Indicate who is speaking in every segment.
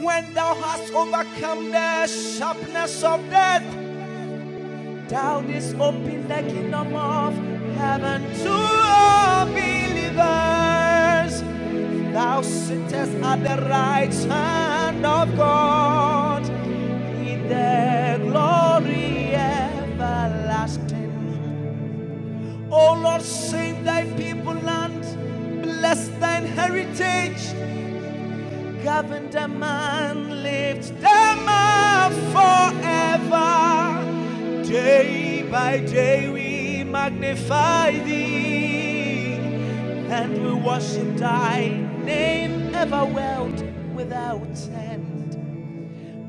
Speaker 1: When thou hast overcome the sharpness of death, thou didst open the kingdom of heaven to all believers. Thou sittest at the right hand of God in the glory everlasting. O Lord, save thy people and bless thine heritage. Governor man lifts them up forever. Day by day we magnify thee, and we worship thy name ever world without end.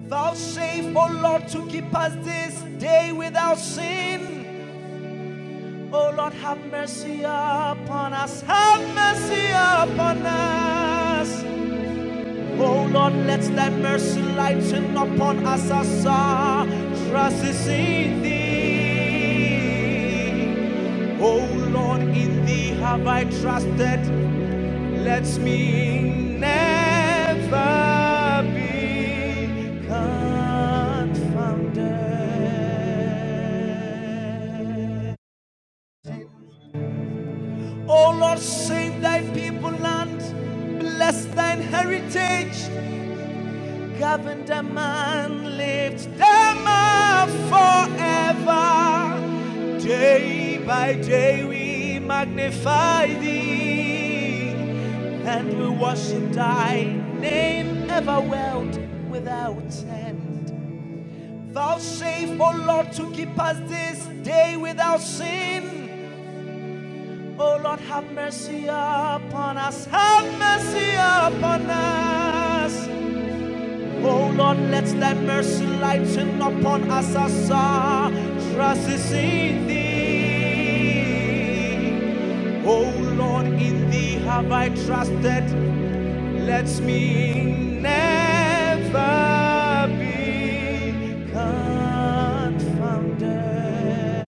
Speaker 1: Thou save, O Lord, to keep us this day without sin. O Lord, have mercy upon us, have mercy upon us. Oh Lord, let thy mercy lighten upon us as our trust is in thee. Oh Lord, in thee have I trusted. Let me never be confounded. Oh Lord, save thy people land, bless thine heritage. Governed a man lifts them up forever. Day by day we magnify thee, and we worship thy name ever world without end. Thou save, O Lord, to keep us this day without sin. O Lord, have mercy upon us, have mercy upon us. Oh Lord, let thy mercy lighten upon us as our trust is in thee. Oh Lord, in thee have I trusted. Let me never be confounded.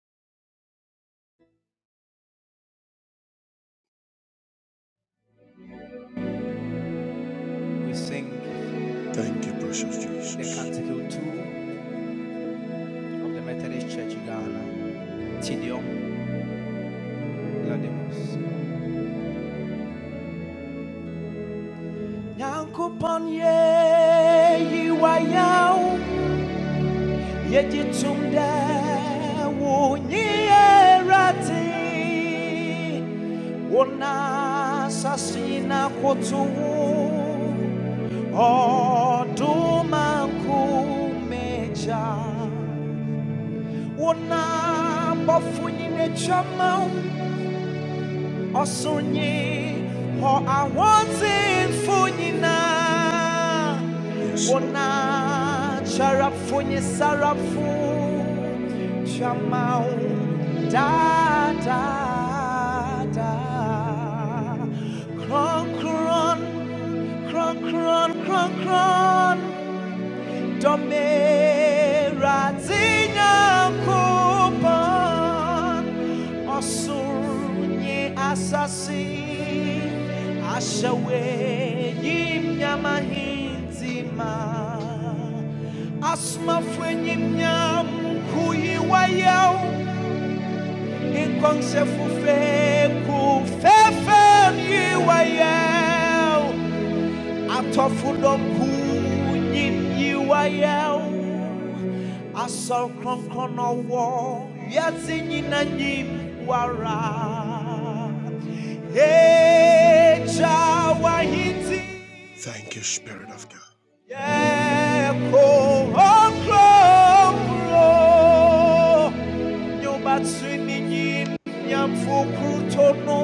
Speaker 1: We sing Ezekiel 2 of the Methodist Church in Ghana. Tidium Ladimus. Nyankopon ye, yiwa Yejitumda wunyerati Wona sasina kotu Oduma kumeja Wona bafuni chama Osunyi ho awanzi funyina Ona charafunye sarafu chamau da da da cron cron cron cron cron cron Domera Zinyankupon Osunye Asasi Ashawe Yimyamahinzima Asmafwe Yimnyam Kuyiwayao Inkongse Fufe Kufefen Yiwayao Atɔfoɖɔku nyiyiwa yawo, asɔkrɔnkrɔnɔwɔ, wiase nyina nyim wara. Edza wahiti yeko okrokro, nyobatsu ninyin nyamfokutono,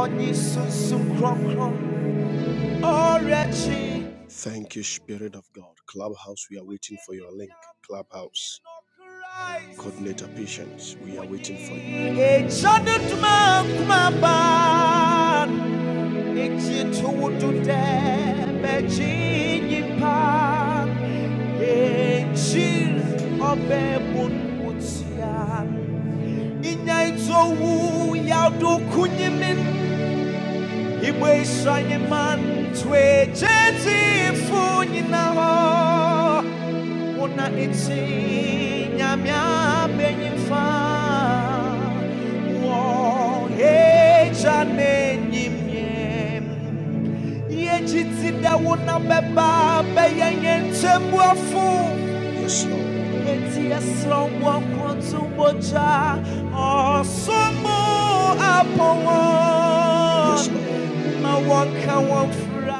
Speaker 1: ɔnyisusu krɔnkrɔn, ɔrɛtsi. Echana tuma kuma ban. Echi tuwutu tebe chinyi pan. Echi obe bun utian. Inya ito wu yaudu kunyimin. Ibu man wona eti nyame benyimfa wɔn agya n'enyimiem yɛgye ti dɛ wona bɛba bɛyɛ yɛn nkyɛmuafo yɛti ɛsrɛ wɔ nkorɔnto mogya ɔsomo apɔ wɔn ma wɔnka wɔn fura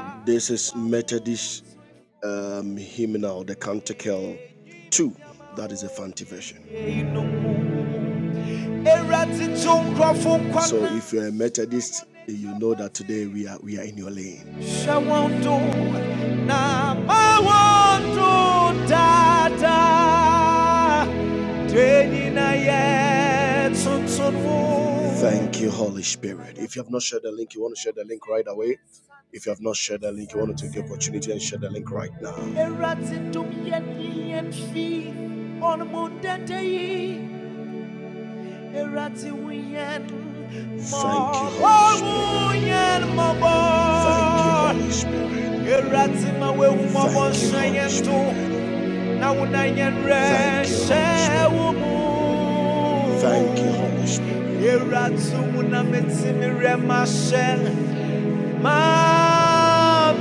Speaker 1: yɛyinom Shawanto na mawanto dada Deni na ye tsuntsunmu Erati dumyen yen fi On mundete yi Erati wiyen Wiyen mabo Erati mawe na wuna yen re Erati wuna metimi re mashen Oh,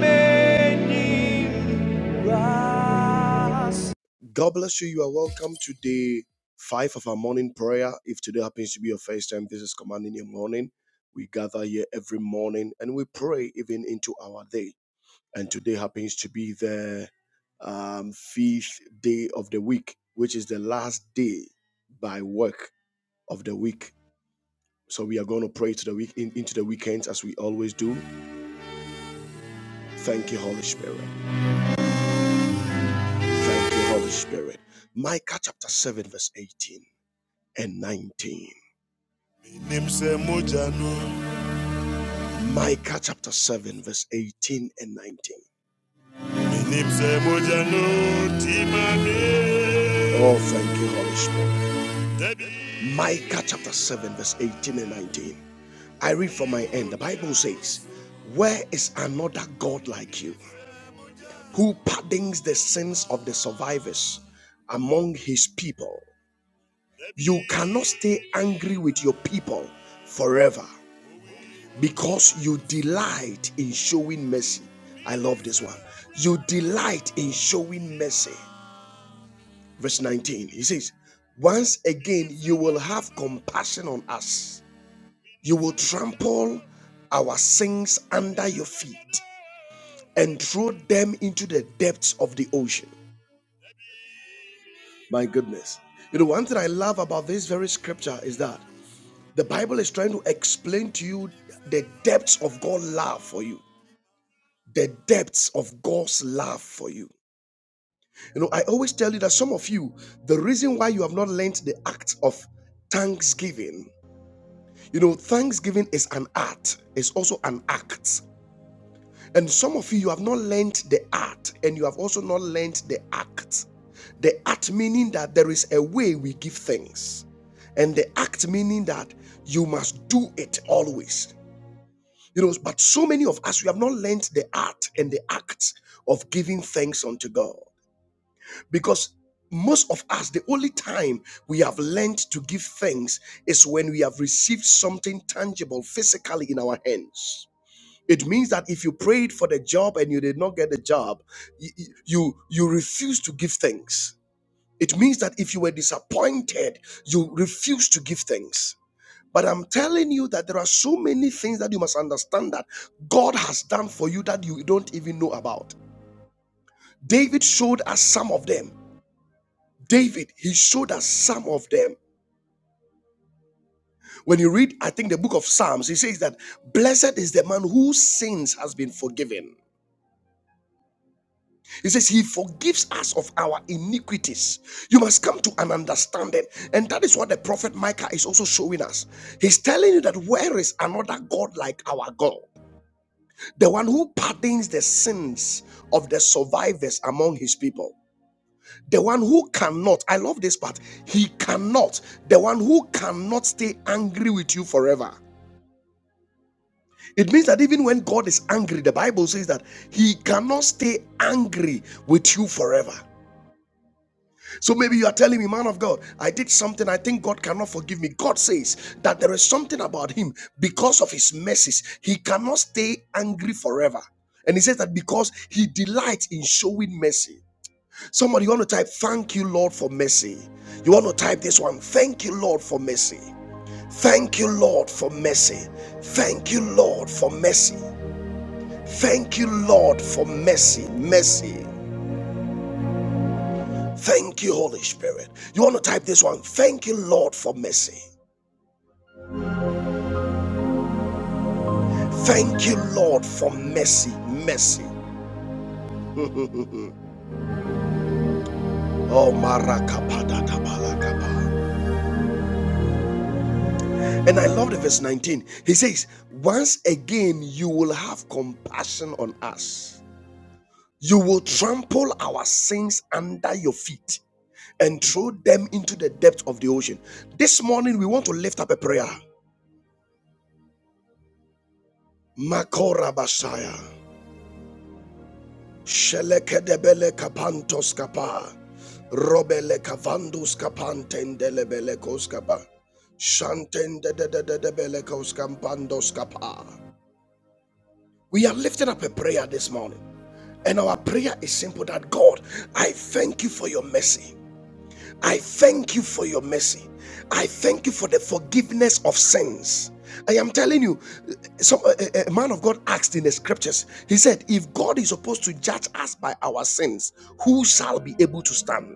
Speaker 1: He's supposed to judge us by our sins. Who shall be able to stand?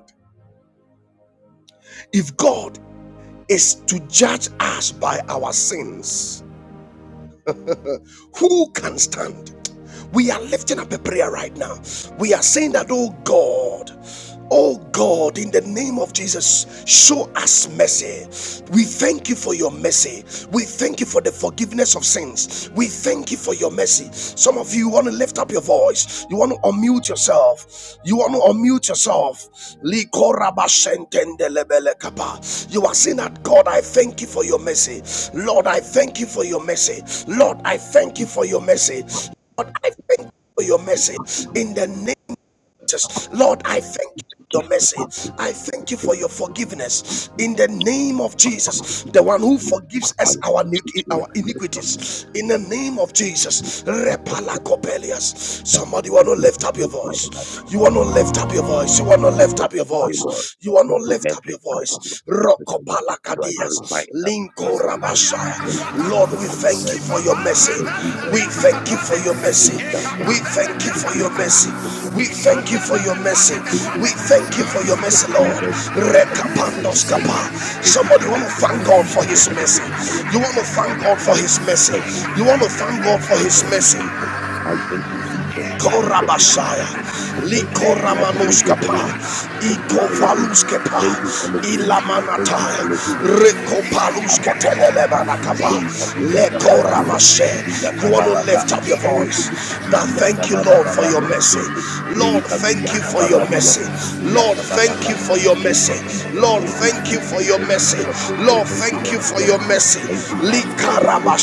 Speaker 1: If God is to judge us by our sins, Who can stand? We are lifting up a prayer right now. We are saying that, oh God, oh God, in the name of Jesus, show us mercy. We thank you for your mercy. We thank you for the forgiveness of sins. We thank you for your mercy. Some of you want to lift up your voice. You want to unmute yourself. You want to unmute yourself. You are saying that God, I thank you for your mercy. Lord, I thank you for your mercy. Lord, I thank you for your mercy. Lord, I thank you for your mercy. In the name Lord, I thank you. for Your mercy. I thank you for your forgiveness in the name of Jesus, the one who forgives us our our iniquities. In the name of Jesus, Repala Copelius. Somebody want to lift up your voice. You want to lift up your voice. You want to lift up your voice. You want to lift up your voice. Rocopala Cadias, Linko Rabashaya. Lord, we thank you for your mercy. We thank you for your mercy. We thank you for your mercy. We thank you for your mercy. We thank you for your mercy, Lord. Rekapandos kapa. Somebody want to thank God for his mercy. You want to thank God for his
Speaker 2: I
Speaker 1: mercy.
Speaker 2: thank
Speaker 1: You
Speaker 2: you,
Speaker 1: want to
Speaker 2: Jesus.
Speaker 1: thank God for
Speaker 2: I
Speaker 1: his
Speaker 2: thank you,
Speaker 1: mercy.
Speaker 2: Jesus. I thank you, Jesus. I worship you,
Speaker 1: Korabashaya,
Speaker 2: Jesus. I glorify and I praise your
Speaker 1: Likoramanuskepa,
Speaker 2: holy name. Thank you, Elohim.
Speaker 1: Ikovaluskepa,
Speaker 2: Thank you, Elohim. Thank you,
Speaker 1: Ilamanataya,
Speaker 2: Elohim. Ba-ba-ba-ba-ba-ba-ba.
Speaker 1: Rekopalusketelebanakapa,
Speaker 2: Lisa Guya Sababa Lisa
Speaker 1: Lekorabashe.
Speaker 2: Sisi Via
Speaker 1: You want to
Speaker 2: Sababa Ba.
Speaker 1: lift up your
Speaker 2: Lisa
Speaker 1: voice.
Speaker 2: Sisi
Speaker 1: Now
Speaker 2: Via
Speaker 1: thank you,
Speaker 2: Sababa
Speaker 1: Lord, for
Speaker 2: Baba
Speaker 1: your
Speaker 2: Lisa
Speaker 1: mercy.
Speaker 2: Shinti.
Speaker 1: Lord,
Speaker 2: Lisa
Speaker 1: thank
Speaker 2: Guya
Speaker 1: you for
Speaker 2: Sababa
Speaker 1: your
Speaker 2: Lisa
Speaker 1: mercy.
Speaker 2: Sisi Via
Speaker 1: Lord,
Speaker 2: Sababa
Speaker 1: thank
Speaker 2: Ba.
Speaker 1: you for your
Speaker 2: Thank you,
Speaker 1: mercy.
Speaker 2: Jesus.
Speaker 1: Lord,
Speaker 2: Thank you,
Speaker 1: thank you for
Speaker 2: Jesus.
Speaker 1: your
Speaker 2: Thank you,
Speaker 1: mercy.
Speaker 2: King of Kings, and
Speaker 1: Lord,
Speaker 2: thank you,
Speaker 1: thank
Speaker 2: Lord
Speaker 1: you
Speaker 2: of
Speaker 1: for
Speaker 2: Lords.
Speaker 1: your mercy.
Speaker 2: Thank you, Alpha and Omega.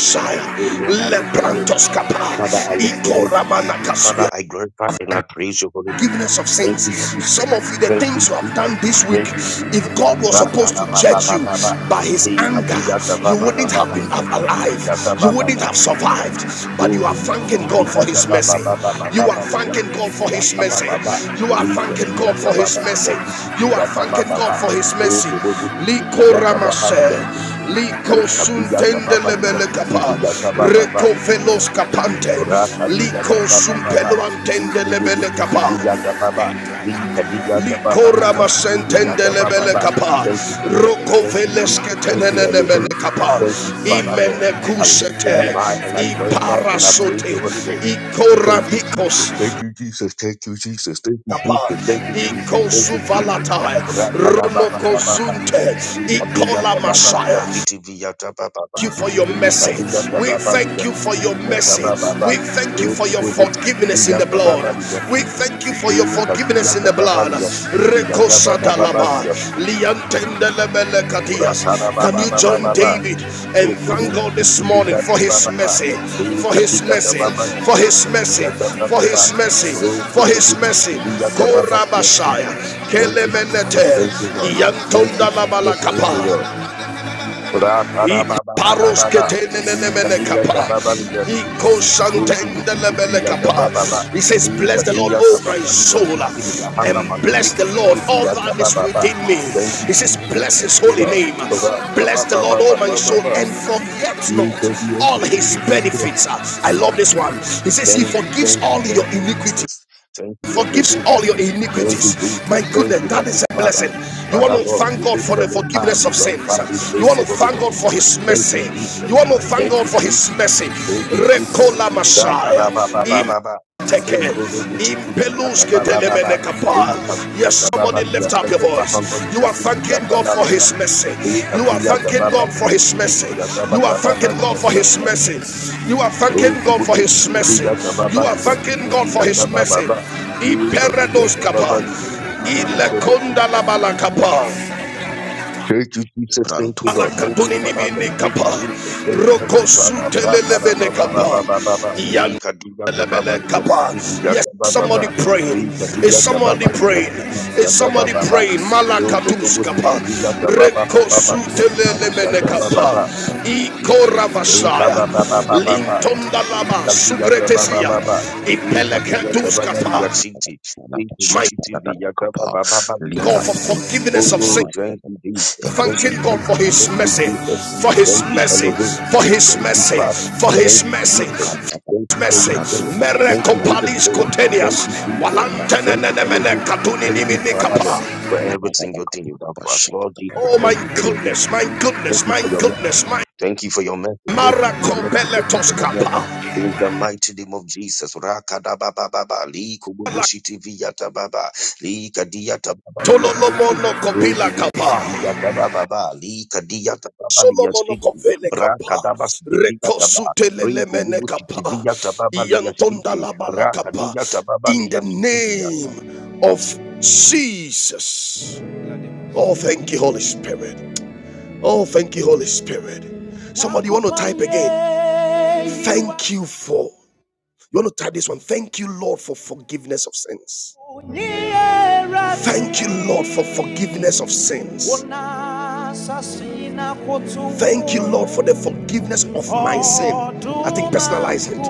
Speaker 2: Oh Lord, I lift your name.
Speaker 1: Leprantos kapa,
Speaker 2: Father, I lift your name.
Speaker 1: itoramana kasuya.
Speaker 2: Father, I glorify and I praise your holy name.
Speaker 1: Forgiveness of
Speaker 2: Thank
Speaker 1: sins.
Speaker 2: you, Jesus.
Speaker 1: Some of you, the
Speaker 2: Thank
Speaker 1: things
Speaker 2: you,
Speaker 1: you have
Speaker 2: Jesus.
Speaker 1: done this week,
Speaker 2: Thank you,
Speaker 1: if
Speaker 2: Jesus.
Speaker 1: God was supposed to
Speaker 2: Rakata ba ba
Speaker 1: judge
Speaker 2: ba
Speaker 1: you
Speaker 2: ba ba.
Speaker 1: by His
Speaker 2: The
Speaker 1: anger,
Speaker 2: abiyata ba
Speaker 1: you
Speaker 2: ba ba
Speaker 1: wouldn't
Speaker 2: ba
Speaker 1: have
Speaker 2: ba
Speaker 1: been
Speaker 2: liyakiti
Speaker 1: alive.
Speaker 2: biyata
Speaker 1: You
Speaker 2: ba ba
Speaker 1: wouldn't
Speaker 2: ba.
Speaker 1: have survived. But
Speaker 2: Yo
Speaker 1: you are
Speaker 2: to the
Speaker 1: thanking
Speaker 2: city
Speaker 1: God for
Speaker 2: biyata
Speaker 1: His
Speaker 2: ba ba
Speaker 1: mercy.
Speaker 2: ba ba ba ba
Speaker 1: You are
Speaker 2: ba
Speaker 1: thanking God
Speaker 2: liyakiti
Speaker 1: for His
Speaker 2: biyata ba
Speaker 1: mercy.
Speaker 2: ba ba.
Speaker 1: You are
Speaker 2: Lisa
Speaker 1: thanking God
Speaker 2: biyata
Speaker 1: for
Speaker 2: ba
Speaker 1: His
Speaker 2: ba
Speaker 1: mercy.
Speaker 2: liyakiti
Speaker 1: You are
Speaker 2: biyata ba
Speaker 1: thanking
Speaker 2: ba
Speaker 1: God
Speaker 2: ba.
Speaker 1: for His
Speaker 2: Oh,
Speaker 1: mercy.
Speaker 2: kubobo city biyata ba ba
Speaker 1: Likoramase.
Speaker 2: liyakiti.
Speaker 1: Liko
Speaker 2: biyata
Speaker 1: suntende
Speaker 2: ba ba
Speaker 1: lebele
Speaker 2: liyakiti
Speaker 1: kapa,
Speaker 2: biyata ba ba ba.
Speaker 1: reko velos kapante,
Speaker 2: Raka diga
Speaker 1: liko
Speaker 2: tababa baba.
Speaker 1: sumpelo antende
Speaker 2: Vitu bubu
Speaker 1: lebele
Speaker 2: siki
Speaker 1: kapa,
Speaker 2: diga tababa. Rinka diga
Speaker 1: liko
Speaker 2: tababa. Yuka siki diga
Speaker 1: ramasentende
Speaker 2: tababa
Speaker 1: lebele
Speaker 2: ba.
Speaker 1: kapa,
Speaker 2: Thank you, Jesus.
Speaker 1: roko
Speaker 2: Thank you,
Speaker 1: veles
Speaker 2: Jesus. Thank
Speaker 1: ketenene
Speaker 2: you,
Speaker 1: lebele
Speaker 2: Elohim.
Speaker 1: kapa,
Speaker 2: Thank you, Father, Lord.
Speaker 1: imene
Speaker 2: I lift your name
Speaker 1: kusete,
Speaker 2: high and I glorify and I praise
Speaker 1: iparasote,
Speaker 2: your holy name. Thank you, Jesus.
Speaker 1: ikoravicos,
Speaker 2: Thank you,
Speaker 1: kapa,
Speaker 2: Jesus. Thank you, Jesus. Thank you, Jesus.
Speaker 1: ikosuvalatae,
Speaker 2: Rakada baba baba ba.
Speaker 1: ronokosunte,
Speaker 2: Kadija
Speaker 1: ikola
Speaker 2: baba liya
Speaker 1: masaya,
Speaker 2: siti viya baba, ba.
Speaker 1: you for your mercy.
Speaker 2: Kadija
Speaker 1: We
Speaker 2: tababa
Speaker 1: thank
Speaker 2: liya
Speaker 1: you for
Speaker 2: siti
Speaker 1: your
Speaker 2: viya
Speaker 1: mercy.
Speaker 2: baba, ba.
Speaker 1: We thank you for
Speaker 2: Ruku
Speaker 1: your
Speaker 2: bubu siti
Speaker 1: forgiveness in
Speaker 2: baba
Speaker 1: the blood.
Speaker 2: tababa liya
Speaker 1: We
Speaker 2: siti.
Speaker 1: thank you for your forgiveness
Speaker 2: Kadija
Speaker 1: in the
Speaker 2: tababa
Speaker 1: blood.
Speaker 2: liya siti viya baba baba
Speaker 1: Rekosadalaba,
Speaker 2: liya siti.
Speaker 1: liantendelebelekadias.
Speaker 2: Rakada
Speaker 1: Can
Speaker 2: baba
Speaker 1: you
Speaker 2: baba
Speaker 1: join
Speaker 2: baba.
Speaker 1: David and
Speaker 2: Ruku
Speaker 1: thank
Speaker 2: bubu
Speaker 1: God
Speaker 2: siti
Speaker 1: this morning
Speaker 2: viya
Speaker 1: for his
Speaker 2: baba baba
Speaker 1: mercy? For his
Speaker 2: Kadija
Speaker 1: mercy,
Speaker 2: tababa
Speaker 1: for his mercy, for
Speaker 2: Yakababa,
Speaker 1: his mercy,
Speaker 2: Pro
Speaker 1: for his
Speaker 2: Kotobuchi,
Speaker 1: mercy.
Speaker 2: Yakababa,
Speaker 1: Korabashaya,
Speaker 2: Yasinti. Thank you, Jesus,
Speaker 1: Kelemenete,
Speaker 2: thank you, Lord. Thank you, Jesus, thank you,
Speaker 1: Iantondalabalakapa.
Speaker 2: Lord.
Speaker 1: Paros
Speaker 2: Rakarabababababa, Ikadiya
Speaker 1: ketenenenemenekapa.
Speaker 2: Sababa, Yasin,
Speaker 1: Iko
Speaker 2: Pro Kotobuchi,
Speaker 1: shantendelebelekapa.
Speaker 2: Yakababa,
Speaker 1: He says, Bless the Lord,
Speaker 2: Ikadiya
Speaker 1: O my
Speaker 2: Sababa,
Speaker 1: soul,
Speaker 2: Yasinti,
Speaker 1: and
Speaker 2: Yahanda Maluku,
Speaker 1: bless the Lord, all that is
Speaker 2: Yakababa.
Speaker 1: within me.
Speaker 2: Thank you,
Speaker 1: He says,
Speaker 2: Jesus,
Speaker 1: Bless
Speaker 2: thank
Speaker 1: his
Speaker 2: you,
Speaker 1: holy
Speaker 2: Lord.
Speaker 1: name. Bless the Lord, O my soul,
Speaker 2: Rakabababababa,
Speaker 1: and forget not
Speaker 2: Ikadiya
Speaker 1: all his
Speaker 2: Sababa,
Speaker 1: benefits. I love this one. He says, He
Speaker 2: Thank you,
Speaker 1: forgives
Speaker 2: thank you,
Speaker 1: all your
Speaker 2: thank you,
Speaker 1: iniquity
Speaker 2: Jesus. Thank you,
Speaker 1: forgives
Speaker 2: Elohim.
Speaker 1: all your
Speaker 2: Thank you,
Speaker 1: iniquities.
Speaker 2: Jesus.
Speaker 1: My
Speaker 2: Thank
Speaker 1: goodness,
Speaker 2: you,
Speaker 1: that
Speaker 2: Heavenly
Speaker 1: is a
Speaker 2: Father.
Speaker 1: blessing. You want
Speaker 2: Father,
Speaker 1: to
Speaker 2: Lord,
Speaker 1: thank
Speaker 2: we
Speaker 1: God
Speaker 2: lift
Speaker 1: for
Speaker 2: your
Speaker 1: the
Speaker 2: name high,
Speaker 1: forgiveness
Speaker 2: we
Speaker 1: of
Speaker 2: glorify,
Speaker 1: sins.
Speaker 2: we
Speaker 1: You
Speaker 2: praise
Speaker 1: want
Speaker 2: your
Speaker 1: to
Speaker 2: holy
Speaker 1: thank
Speaker 2: name.
Speaker 1: God for His
Speaker 2: Thank
Speaker 1: mercy.
Speaker 2: you, Jesus.
Speaker 1: You want to thank
Speaker 2: Thank
Speaker 1: God
Speaker 2: you,
Speaker 1: for
Speaker 2: Jesus.
Speaker 1: His mercy.
Speaker 2: Thank you, Jesus.
Speaker 1: Recola Messiah.
Speaker 2: Zakarababababa.
Speaker 1: Teke, impeluske telemene
Speaker 2: Rekodobuchikiziyatabababa.
Speaker 1: kapa. Yes, somebody
Speaker 2: Leikabiyakababa,
Speaker 1: lift up your
Speaker 2: liyashente
Speaker 1: voice.
Speaker 2: mahondo
Speaker 1: You are thanking God for
Speaker 2: mushikiziyatabababa.
Speaker 1: His mercy. You are thanking
Speaker 2: Leikabiyakababa,
Speaker 1: God for His mercy. You are thanking
Speaker 2: liyashikiziyatabababa,
Speaker 1: God for His
Speaker 2: liyashanta.
Speaker 1: mercy. You are thanking God for His mercy. You
Speaker 2: Rokubuchikiziyatababa,
Speaker 1: are thanking God for His mercy.
Speaker 2: liyashikiziyatabababa.
Speaker 1: Imperedos kapa,
Speaker 2: Leikabiyakababa,
Speaker 3: Brand
Speaker 2: liyashikiziyatabababa.
Speaker 1: ilekonda la balakapa.
Speaker 2: Thank you, Jesus, thank you, Lord. Thank you,
Speaker 1: Alakatuni
Speaker 2: Father, Lord.
Speaker 1: nimini
Speaker 2: Thank you,
Speaker 1: kapa.
Speaker 2: Jesus. Thank you,
Speaker 1: Roko
Speaker 2: Heavenly Father. Bra, kada,
Speaker 1: sutelelebene
Speaker 2: ba, ba, ba,
Speaker 1: kapa.
Speaker 2: ba, ba, ba, ba. Ee,
Speaker 1: Iyan
Speaker 2: kadu, ya, ka, ba, ba,
Speaker 1: lebele
Speaker 2: li, ya, su,
Speaker 1: kapa.
Speaker 2: ki, di, ya,
Speaker 1: Yes,
Speaker 2: ka, ba, ba, ba.
Speaker 1: somebody praying.
Speaker 2: Ee, kadu,
Speaker 1: Is
Speaker 2: ya, ka, ba, ba,
Speaker 1: somebody
Speaker 2: li, ya,
Speaker 1: praying?
Speaker 2: su, di, ya,
Speaker 1: Is
Speaker 2: ka, ba,
Speaker 1: somebody
Speaker 2: ba, ba.
Speaker 1: praying?
Speaker 2: Yo, to, go, go,
Speaker 1: Malakatus
Speaker 2: su,
Speaker 1: kapa.
Speaker 2: ki, di, ya, ka, ba, ba, ba,
Speaker 1: Reko
Speaker 2: ba, ba, li, ya, su, di, ya,
Speaker 1: sutelelebene
Speaker 2: ka, ba, ba,
Speaker 1: kapa.
Speaker 2: ba.
Speaker 1: Iko
Speaker 2: Rika
Speaker 1: ravasaya.
Speaker 2: ba ba ba ba ba ba.
Speaker 1: Lintonda
Speaker 2: Rika viya ta ba ba
Speaker 1: sugretesia.
Speaker 2: ba ba. Rika viya ta
Speaker 1: Ipelekatus
Speaker 2: ba ba viya
Speaker 1: kapa.
Speaker 2: shinti. Rika
Speaker 1: My
Speaker 2: bushiti viya ta ba ba ba ba viya
Speaker 1: God, for
Speaker 2: shinti.
Speaker 1: forgiveness of sin.
Speaker 2: Oh, thank you, Jesus. Thank you,
Speaker 1: thanking God
Speaker 2: Jesus.
Speaker 1: for His
Speaker 2: Thank you,
Speaker 1: mercy,
Speaker 2: Jesus.
Speaker 1: for His
Speaker 2: Thank you,
Speaker 1: mercy,
Speaker 2: Elohim.
Speaker 1: for His
Speaker 2: Thank you,
Speaker 1: mercy,
Speaker 2: Father.
Speaker 1: for
Speaker 2: Thank
Speaker 1: His
Speaker 2: you,
Speaker 1: mercy.
Speaker 2: Jesus.
Speaker 1: His
Speaker 2: Thank you, Holy
Speaker 1: Mercy,
Speaker 2: Spirit. Thank
Speaker 1: Mereko
Speaker 2: you, Holy
Speaker 1: Palis
Speaker 2: Spirit. Thank
Speaker 1: Cotenias,
Speaker 2: you, Jesus. Thank you,
Speaker 1: Walantenenemene
Speaker 2: Elohim.
Speaker 1: Katunini
Speaker 2: Thank you, Father, Lord,
Speaker 1: Kapa.
Speaker 2: for every single thing you've done for us. Lord Jesus,
Speaker 1: Oh my
Speaker 2: thank you for your
Speaker 1: goodness,
Speaker 2: mercy.
Speaker 1: my
Speaker 2: Thank
Speaker 1: goodness,
Speaker 2: you
Speaker 1: my
Speaker 2: for your message.
Speaker 1: goodness, my
Speaker 2: Thank you for your message. Thank you for your
Speaker 1: Marako
Speaker 2: message. Thank you
Speaker 1: Beletos
Speaker 2: for your message.
Speaker 1: Kapa,
Speaker 2: In the mighty name of Jesus. Rakadabababa, likububushitiviyatababa, likadiyatababaliyasikti,
Speaker 1: Tololomono Kopila Kapa.
Speaker 2: rutubushitiviyatabababa,
Speaker 1: Solomon
Speaker 2: likadiyatababaliyasiti,
Speaker 1: Kovele Kapa,
Speaker 2: brakadabasitiviyataba,
Speaker 1: Rekosutelele Kapa, Iantonda
Speaker 2: rinkububushitiviyatababaliyasikti,
Speaker 1: Labala Kapa, in the
Speaker 2: rakadiyatababaliyasitiviyatababa,
Speaker 1: name of Jesus. Oh, thank you, Holy Spirit. Oh, thank you, Holy Spirit. Somebody want to type again. Thank you for you want to type this one? Thank you, Lord, for forgiveness of sins. Thank you, Lord, for forgiveness of sins. Thank you, Lord, for the forgiveness of my sin. I think personalize it.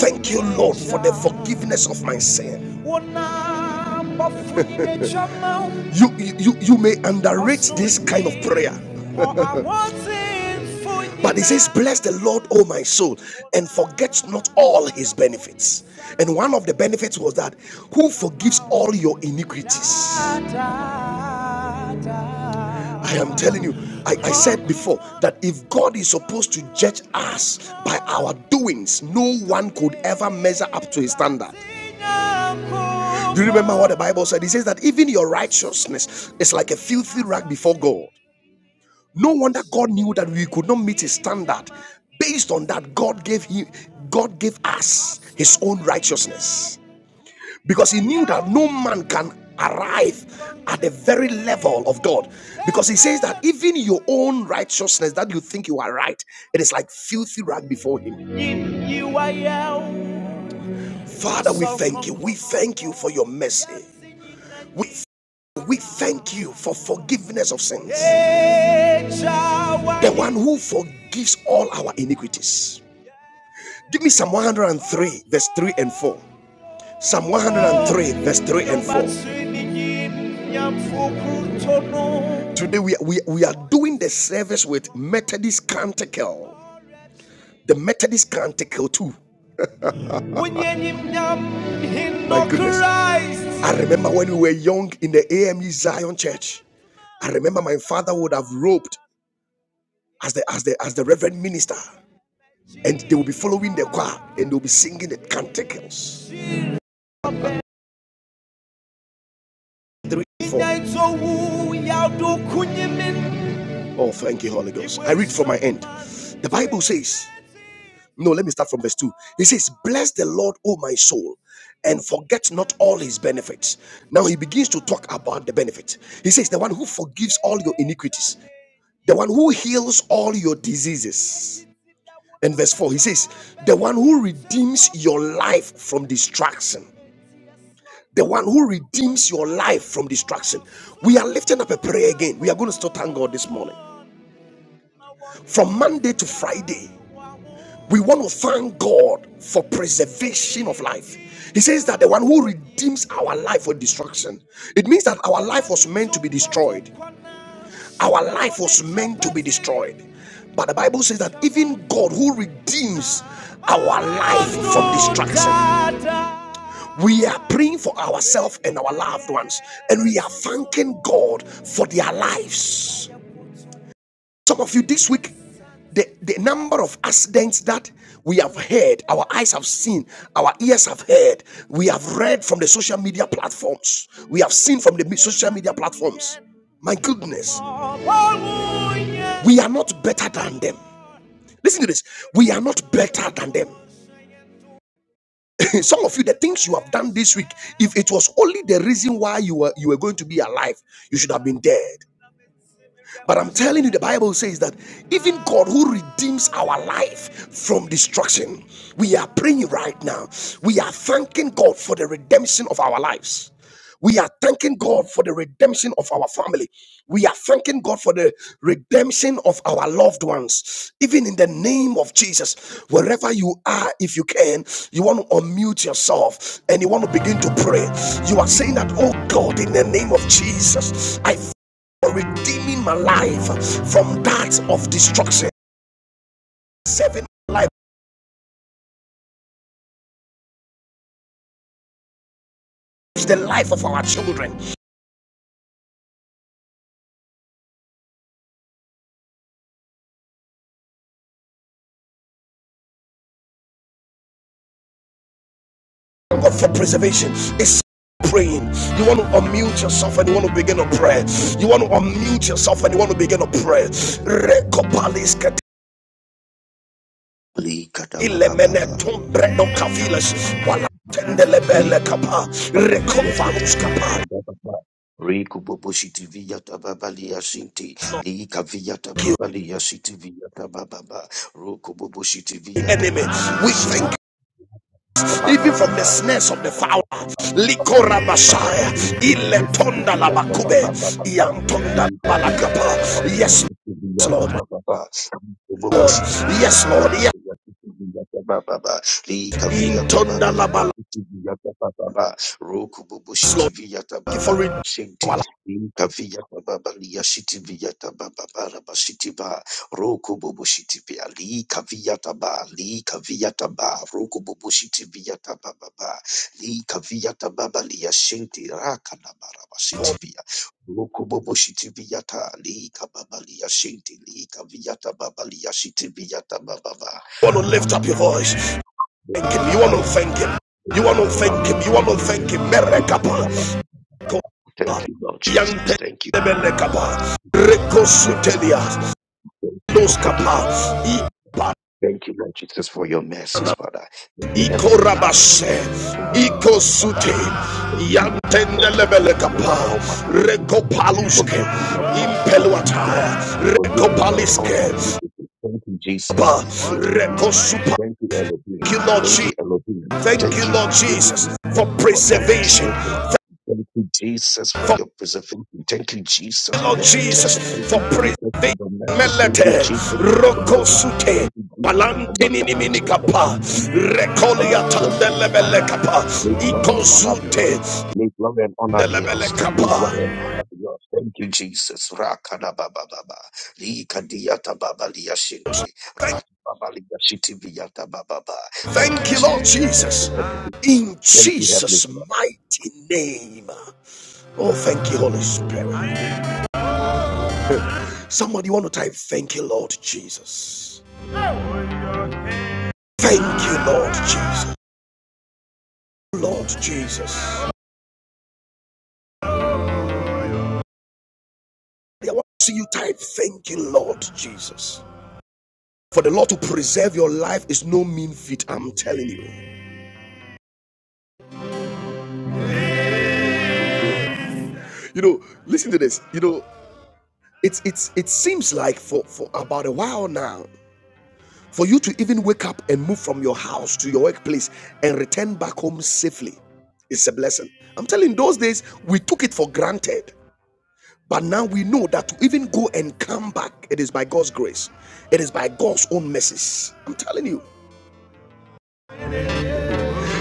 Speaker 1: Thank you, Lord, for the forgiveness of my sin. you, you, you may underrate this kind of prayer. But he says, Bless the Lord, O my soul, and forget not all his benefits. And one of the benefits was that who forgives all your iniquities. I am telling you, I, I said before that if God is supposed to judge us by our doings, no one could ever measure up to his standard. Do you remember what the Bible said? It says that even your righteousness is like a filthy rag before God. No wonder God knew that we could not meet his standard. Based on that, God gave him, God gave us his own righteousness. Because he knew that no man can arrive at the very level of God. Because he says that even your own righteousness that you think you are right, it is like filthy rag before him. Father, we thank you. We thank you for your mercy. We, we thank you for forgiveness of sins. The one who forgives all our iniquities. Give me Psalm 103, verse 3 and 4. Psalm 103, verse 3 and 4. Today we, we, we are doing the service with Methodist Canticle. The Methodist Canticle too. My goodness. I remember when we were young in the AME Zion Church. I remember my father would have roped as the as the as the reverend minister, and they would be following the choir and they would be singing the canticles. Three, four. Oh, thank you, Holy Ghost. I read from my end. The Bible says. No, let me start from verse 2. He says, Bless the Lord, O my soul, and forget not all his benefits. Now he begins to talk about the benefits. He says, The one who forgives all your iniquities, the one who heals all your diseases. And verse 4, he says, The one who redeems your life from destruction. The one who redeems your life from destruction. We are lifting up a prayer again. We are going to still thank God this morning. From Monday to Friday, We want to thank God for preservation of life. He says that the one who redeems our life for destruction, it means that our life was meant to be destroyed. Our life was meant to be destroyed. But the Bible says that even God who redeems our life from destruction. We are praying for ourselves and our loved ones, and we are thanking God for their lives. Some of you this week, the, the number of accidents that we have heard, our eyes have seen, our ears have heard, we have read from the social media platforms, we have seen from the social media platforms. My goodness, we are not better than them. Listen to this we are not better than them. Some of you, the things you have done this week, if it was only the reason why you were you were going to be alive, you should have been dead. But I'm telling you, the Bible says that even God who redeems our life from destruction, we are praying right now. We are thanking God for the redemption of our lives. We are thanking God for the redemption of our family. We are thanking God for the redemption of our loved ones. Even in the name of Jesus, wherever you are, if you can, you want to unmute yourself and you want to begin to pray. You are saying that, oh God, in the name of Jesus, I for redeeming my life from that of destruction, saving my life, is the life of our children. Thank God for preservation. It's praying. You want to unmute yourself and you want to begin to pray. You want to unmute yourself and you want to begin to pray.
Speaker 2: likadabababa,
Speaker 1: no
Speaker 2: Riku bobo shiti viya tababali ya shinti liika viya tababali ya shiti viya tabababa roku bobo shiti Rikububushitiviyatababaliyasinti. Liikaviyatababaliyasintiviyatabababa.
Speaker 1: We
Speaker 2: Rukububushitiviyatababaliyasinti.
Speaker 1: thank even
Speaker 2: Roku
Speaker 1: from the snares of the fowler. Likora Messiah, Iletonda Labakube, Iantonda Balakapa. Yes, Lord, Lord, yes, Lord, yes, Intonda Labalas, Lord. Thank you for reading our life.
Speaker 2: Roku bubushiti pia li kavia taba li kavia taba roku bubushiti pia taba baba li kavia taba ba li yashinti raka na baraba shiti pia roku bubushiti pia ta li kababa li yashinti li kavia taba ba li yashiti pia taba baba
Speaker 1: You want to lift
Speaker 2: raka
Speaker 1: up your
Speaker 2: ba
Speaker 1: voice. Thank Him.
Speaker 2: baba
Speaker 1: You want to
Speaker 2: baba
Speaker 1: thank Him. You want to thank
Speaker 2: baba
Speaker 1: Him. You want to thank Him. Merekapa.
Speaker 2: baba baba thank you Lord Jesus
Speaker 1: Yante
Speaker 2: thank you Father.
Speaker 1: Lebelekapa.
Speaker 2: thank you
Speaker 1: Rekosutelia.
Speaker 2: for
Speaker 1: Loskapa.
Speaker 2: forgiving Thank you, Lord Jesus, for your mercies, Father. Thank you, Heavenly Father.
Speaker 1: Ikorabashe, Ikosute,
Speaker 2: Thank you for
Speaker 1: Yantendelebele
Speaker 2: forgiving me of
Speaker 1: Kapa,
Speaker 2: all my iniquities,
Speaker 1: Rekopaluske,
Speaker 2: forgiving me of all my iniquities,
Speaker 1: Impeluataya,
Speaker 2: forgiving me of all my
Speaker 1: Rekopaliske,
Speaker 2: iniquities. Thank you, Jesus. Thank you, Jesus.
Speaker 1: Rekosupa.
Speaker 2: Thank you,
Speaker 1: Thank
Speaker 2: Elohim.
Speaker 1: you, Lord
Speaker 2: Thank
Speaker 1: Jesus.
Speaker 2: you, Elohim.
Speaker 1: Thank you,
Speaker 2: Thank you
Speaker 1: Lord
Speaker 2: for healing
Speaker 1: Jesus,
Speaker 2: me.
Speaker 1: for
Speaker 2: Thank you for every
Speaker 1: preservation.
Speaker 2: single thing. Thank you, Jesus, for
Speaker 1: Thank
Speaker 2: your preservation. Thank you,
Speaker 1: you,
Speaker 2: Jesus, for
Speaker 1: Lord
Speaker 2: your
Speaker 1: Jesus,
Speaker 2: protection. Thank
Speaker 1: for
Speaker 2: you, Jesus, for
Speaker 1: preservation.
Speaker 2: your mercy. Thank you,
Speaker 1: Melete,
Speaker 2: Jesus, for your love.
Speaker 1: Rokosute,
Speaker 2: Thank you, Jesus, for your
Speaker 1: Palantini
Speaker 2: direction. Thank
Speaker 1: Minikapa,
Speaker 2: you, Jesus, for your
Speaker 1: Recolia
Speaker 2: presence in my
Speaker 1: Tandelebele
Speaker 2: life.
Speaker 1: Kapa,
Speaker 2: May glory and honor be yours.
Speaker 1: Ikosute,
Speaker 2: May glory and honor be yours. May glory and honor be yours. Thank you, Jesus. Rakada baba baba. Lika diata baba liya shinti.
Speaker 1: Thank,
Speaker 2: Rat baba liya shiti biyata baba baba. Thank
Speaker 1: thank
Speaker 2: you,
Speaker 1: you, Lord
Speaker 2: Jesus. Thank you,
Speaker 1: Jesus.
Speaker 2: Heavenly.
Speaker 1: In
Speaker 2: Thank you, Heavenly
Speaker 1: Jesus'
Speaker 2: Father.
Speaker 1: mighty name. Oh, thank you, Holy Spirit. Somebody want to type, Thank you, Lord Jesus. Thank you, Lord Jesus. Lord Jesus. I want to see you type, Thank you, Lord Jesus. For the Lord to preserve your life is no mean feat, I'm telling you. You know, listen to this. You know, it's it's it seems like for for about a while now for you to even wake up and move from your house to your workplace and return back home safely is a blessing. I'm telling those days we took it for granted. But now we know that to even go and come back, it is by God's grace. It is by God's own mercies. I'm telling you.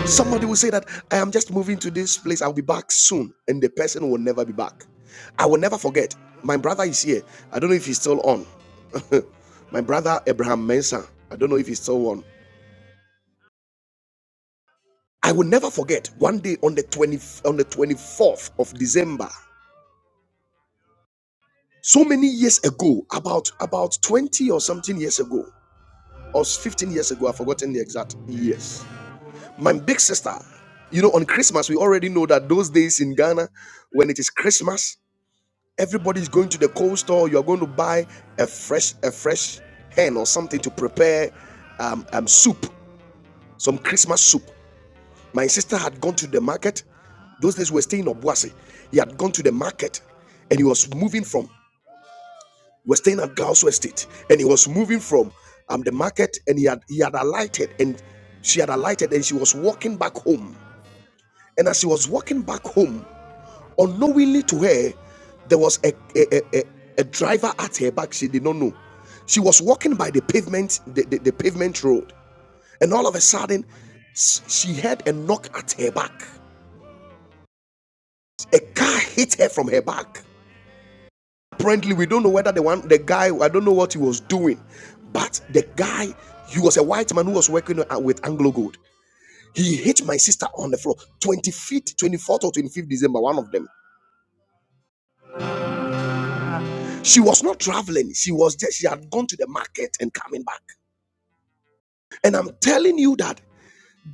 Speaker 1: Somebody will say that I am just moving to this place, I'll be back soon. And the person will never be back. I will never forget. My brother is here. I don't know if he's still on. My brother Abraham Mensah. I don't know if he's still on. I will never forget one day on the 20, on the 24th of December, so many years ago, about about 20 or something years ago, or 15 years ago, I've forgotten the exact years. My big sister, you know, on Christmas, we already know that those days in Ghana, when it is Christmas, everybody's going to the cold store, you're going to buy a fresh, a fresh hen or something to prepare um, um, soup, some Christmas soup. My sister had gone to the market. Those days we were staying in Obuasi. He had gone to the market and he was moving from, we were staying at Gauss Estate, and he was moving from um, the market and he had, he had alighted and she had alighted and she was walking back home. And as she was walking back home, unknowingly to her, there was a, a, a, a, a driver at her back. She did not know. She was walking by the pavement, the, the, the pavement road. And all of a sudden, she heard a knock at her back. A car hit her from her back. Apparently, we don't know whether the one, the guy, I don't know what he was doing, but the guy, he was a white man who was working uh, with Anglo Gold. He hit my sister on the floor, 20 feet, 24th or 25th December, one of them. She was not traveling. She was just, she had gone to the market and coming back. And I'm telling you that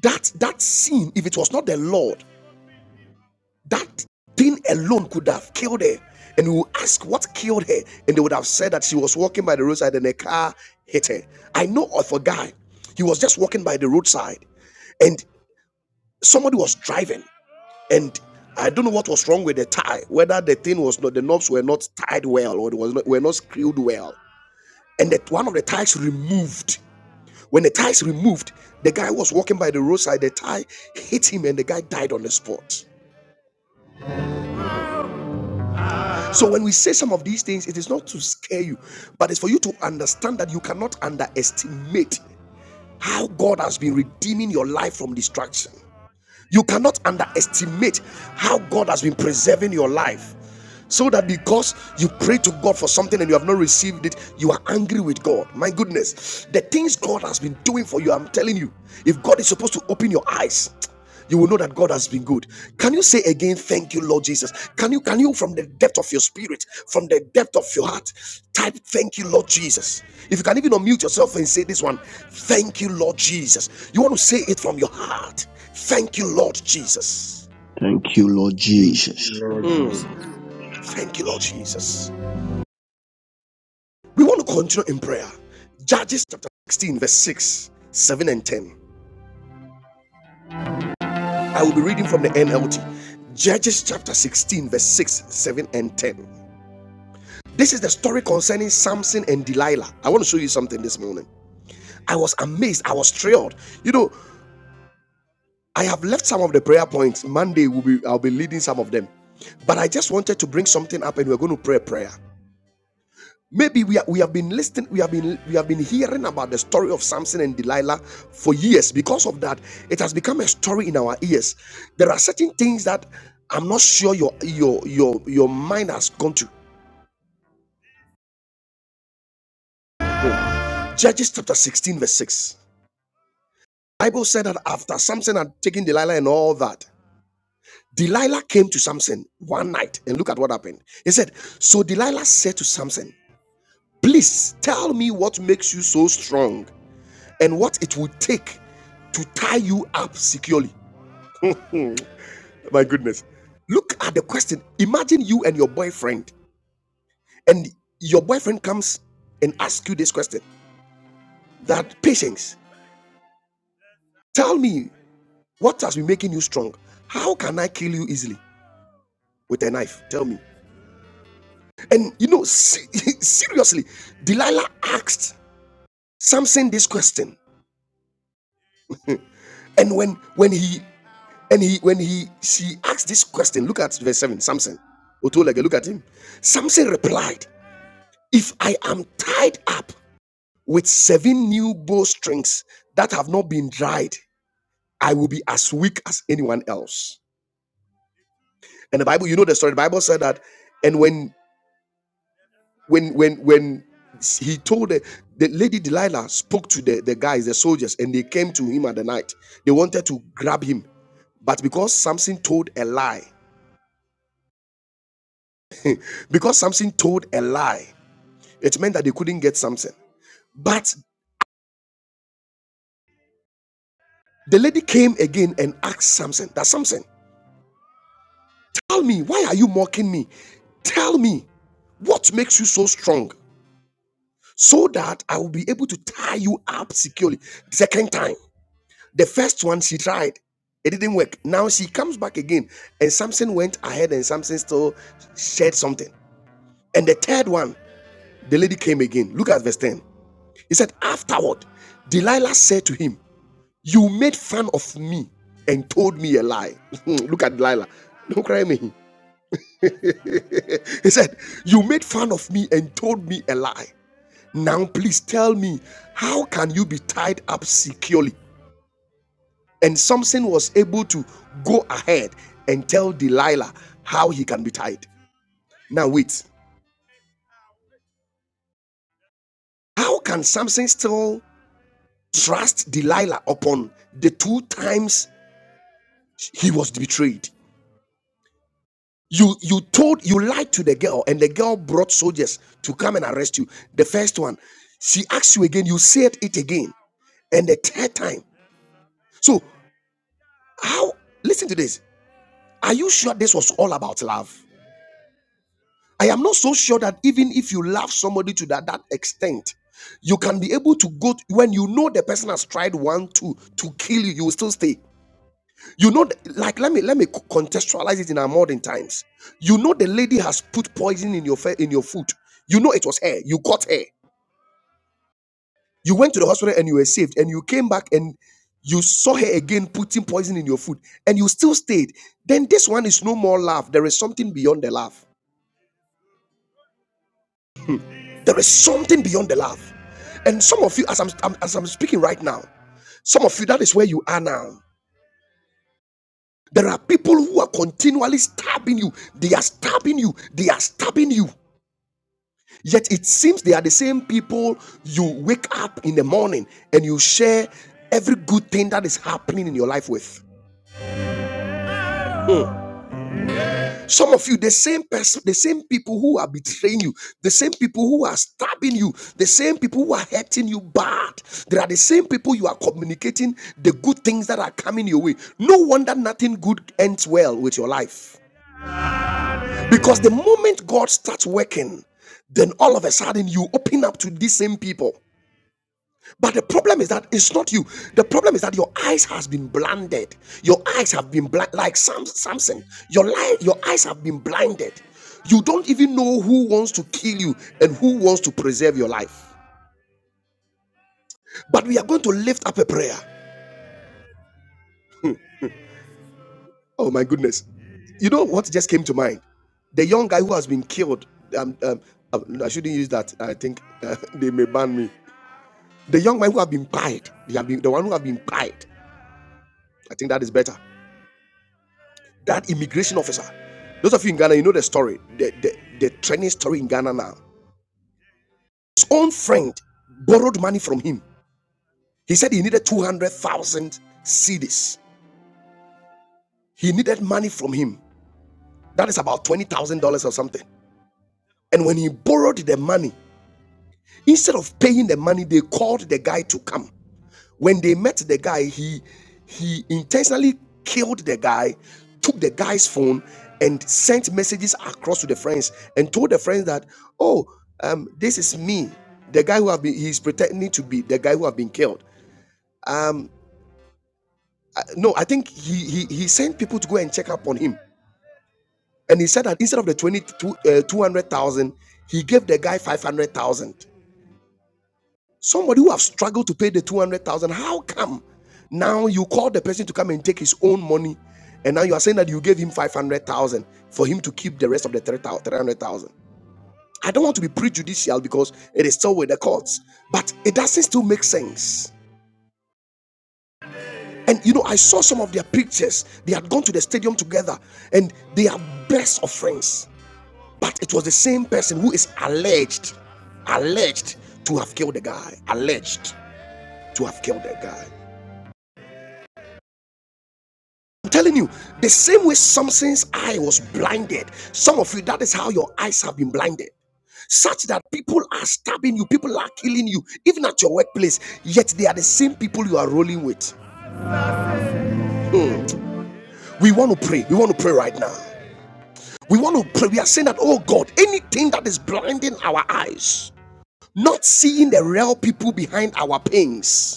Speaker 1: that that scene, if it was not the Lord, That thing alone could have killed her. And you will ask what killed her, and they would have said that she was walking by the roadside and a car hit her. I know of a guy, he was just walking by the roadside, and somebody was driving, and I don't know what was wrong with the tie, whether the thing was not the knobs were not tied well or it was not, were not screwed well, and that one of the ties removed. When the ties removed, the guy was walking by the roadside, the tie hit him, and the guy died on the spot. So when we say some of these things, it is not to scare you, but it's for you to understand that you cannot underestimate how God has been redeeming your life from destruction. You cannot underestimate how God has been preserving your life. So that because you pray to God for something and you have not received it, you are angry with God. My goodness, the things God has been doing for you, I'm telling you, if God is supposed to open your eyes, you will know that God has has been good. Can you say again, thank you, Lord Jesus? Can you can you from the depth of your spirit, from the depth of your heart, type thank you, Lord Jesus? If you can even unmute yourself and say this one, thank you, Lord Jesus. You want to say it from your heart. Thank you, Lord Jesus.
Speaker 3: Thank you, Lord
Speaker 4: Thank you,
Speaker 3: Jesus.
Speaker 4: Lord
Speaker 1: Hmm.
Speaker 4: Jesus.
Speaker 1: Thank you, Lord Jesus. We want to continue in prayer. Judges chapter 16, verse 6, 7, and 10. I will be reading from the NLT. Judges chapter 16, verse 6, 7, and 10. This is the story concerning Samson and Delilah. I want to show you something this morning. I was amazed. I was thrilled. You know, I have left some of the prayer points. Monday will be I'll be leading some of them. But I just wanted to bring something up and we're going to pray a prayer. Maybe we, are, we have been listening, we have been we have been hearing about the story of Samson and Delilah for years. Because of that, it has become a story in our ears. There are certain things that I'm not sure your your your your mind has gone to. Judges chapter 16, verse 6. Bible said that after Samson had taken Delilah and all that, Delilah came to Samson one night and look at what happened. He said, So Delilah said to Samson, Please tell me what makes you so strong and what it would take to tie you up securely. My goodness. Look at the question. Imagine you and your boyfriend, and your boyfriend comes and asks you this question that patience, tell me what has been making you strong? How can I kill you easily with a knife? Tell me. And you know, seriously, Delilah asked Samson this question. And when when he and he when he she asked this question, look at verse 7, Samson. Otolega, look at him. Samson replied, If I am tied up with seven new bowstrings that have not been dried, I will be as weak as anyone else. And the Bible, you know the story. The Bible said that, and when when when when he told the, the lady delilah spoke to the, the guys the soldiers and they came to him at the night they wanted to grab him but because samson told a lie because samson told a lie it meant that they couldn't get samson but the lady came again and asked samson that samson tell me why are you mocking me tell me what makes you so strong so that i will be able to tie you up securely the second time The first one she tried, it didn't work. Now she comes back again, and Samson went ahead, and Samson still said something. And the third one, the lady came again. Look at verse 10. He said, Afterward, Delilah said to him, You made fun of me and told me a lie. Look at Delilah. Don't cry me. he said, You made fun of me and told me a lie. Now, please tell me, how can you be tied up securely? And Samson was able to go ahead and tell Delilah how he can be tied. Now, wait. How can Samson still trust Delilah upon the two times he was betrayed? You you told you lied to the girl, and the girl brought soldiers to come and arrest you. The first one, she asked you again, you said it again, and the third time. So how listen to this. Are you sure this was all about love? I am not so sure that even if you love somebody to that, that extent, you can be able to go to- when you know the person has tried one to to kill you, you will still stay. You know, like let me let me contextualize it in our modern times. You know, the lady has put poison in your in your food. You know it was her. You caught her. You went to the hospital and you were saved. And you came back and you saw her again putting poison in your food, and you still stayed. Then this one is no more love. There is something beyond the love. There is something beyond the laugh. And some of you, as I'm, I'm- as I'm speaking right now, some of you, that is where you are now. There are people who are continually stabbing you. They are stabbing you. They are stabbing you. Yet it seems they are the same people you wake up in the morning and you share every good thing that is happening in your life with. Some of you, the same person, the same people who are betraying you, the same people who are stabbing you, the same people who are hurting you bad. There are the same people you are communicating the good things that are coming your way. No wonder nothing good ends well with your life. Because the moment God starts working, then all of a sudden you open up to these same people. But the problem is that it's not you. The problem is that your eyes has been blinded. Your eyes have been blind, like Sam, Samson. Your life, your eyes have been blinded. You don't even know who wants to kill you and who wants to preserve your life. But we are going to lift up a prayer. Oh my goodness! You know what just came to mind? The young guy who has been killed. Um, um, um, I shouldn't use that. I think uh, they may ban me. The young man who have been pied. They have been the one who have been pied. I think that is better. That immigration officer. Those of you in Ghana, you know the story, the, the, the training story in Ghana now. His own friend borrowed money from him. He said he needed 200,000 cedis. He needed money from him. That is about $20,000 or something. And when he borrowed the money, instead of paying the money, they called the guy to come. When they met the guy, he he intentionally killed the guy, took the guy's phone, and sent messages across to the friends and told the friends that, oh, um, this is me, the guy who have been he's pretending to be the guy who have been killed. Um, I- no, I think he he he sent people to go and check up on him, and he said that instead of the twenty two uh, 200,000, he gave the guy 500,000 Somebody who have struggled to pay the 200,000, how come now you call the person to come and take his own money and now you are saying that you gave him 500,000 for him to keep the rest of the 300,000? I don't want to be prejudicial because it is still with the courts, but it doesn't still make sense. And you know, I saw some of their pictures. They had gone to the stadium together and they are best of friends. But it was the same person who is alleged, alleged to have killed the guy, alleged to have killed the guy. I'm telling you, the same way Samson's eye was blinded, some of you, that is how your eyes have been blinded. Such that people are stabbing you, people are killing you, even at your workplace, yet they are the same people you are rolling with. Mm. We want to pray. We want to pray right now. We want to pray. We are saying that, oh God, anything that is blinding our eyes, not seeing the real people behind our pains,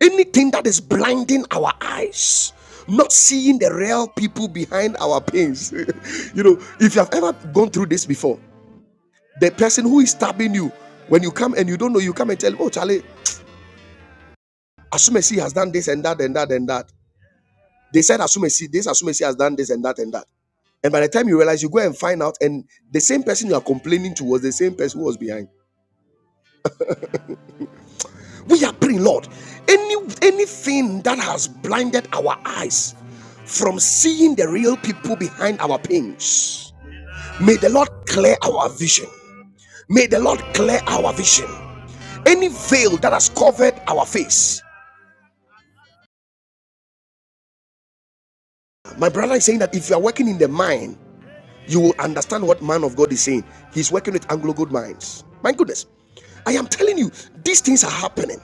Speaker 1: Anything that is blinding our eyes, not seeing the real people behind our pains. you know, if you have ever gone through this before, the person who is stabbing you, when you come and you don't know, you come and tell, oh, Charlie, Asumesi has done this and that and that and that. They said Asumesi, this Asumesi has done this and that and that. And by the time you realize, you go and find out, and the same person you are complaining to was the same person who was behind. We are praying, Lord, any anything that has blinded our eyes from seeing the real people behind our pains. May the Lord clear our vision. May the Lord clear our vision. Any veil that has covered our face. My brother is saying that if you are working in the mine, you will understand what man of God is saying. He's working with Anglo Gold Mines. My goodness. I am telling you, these things are happening.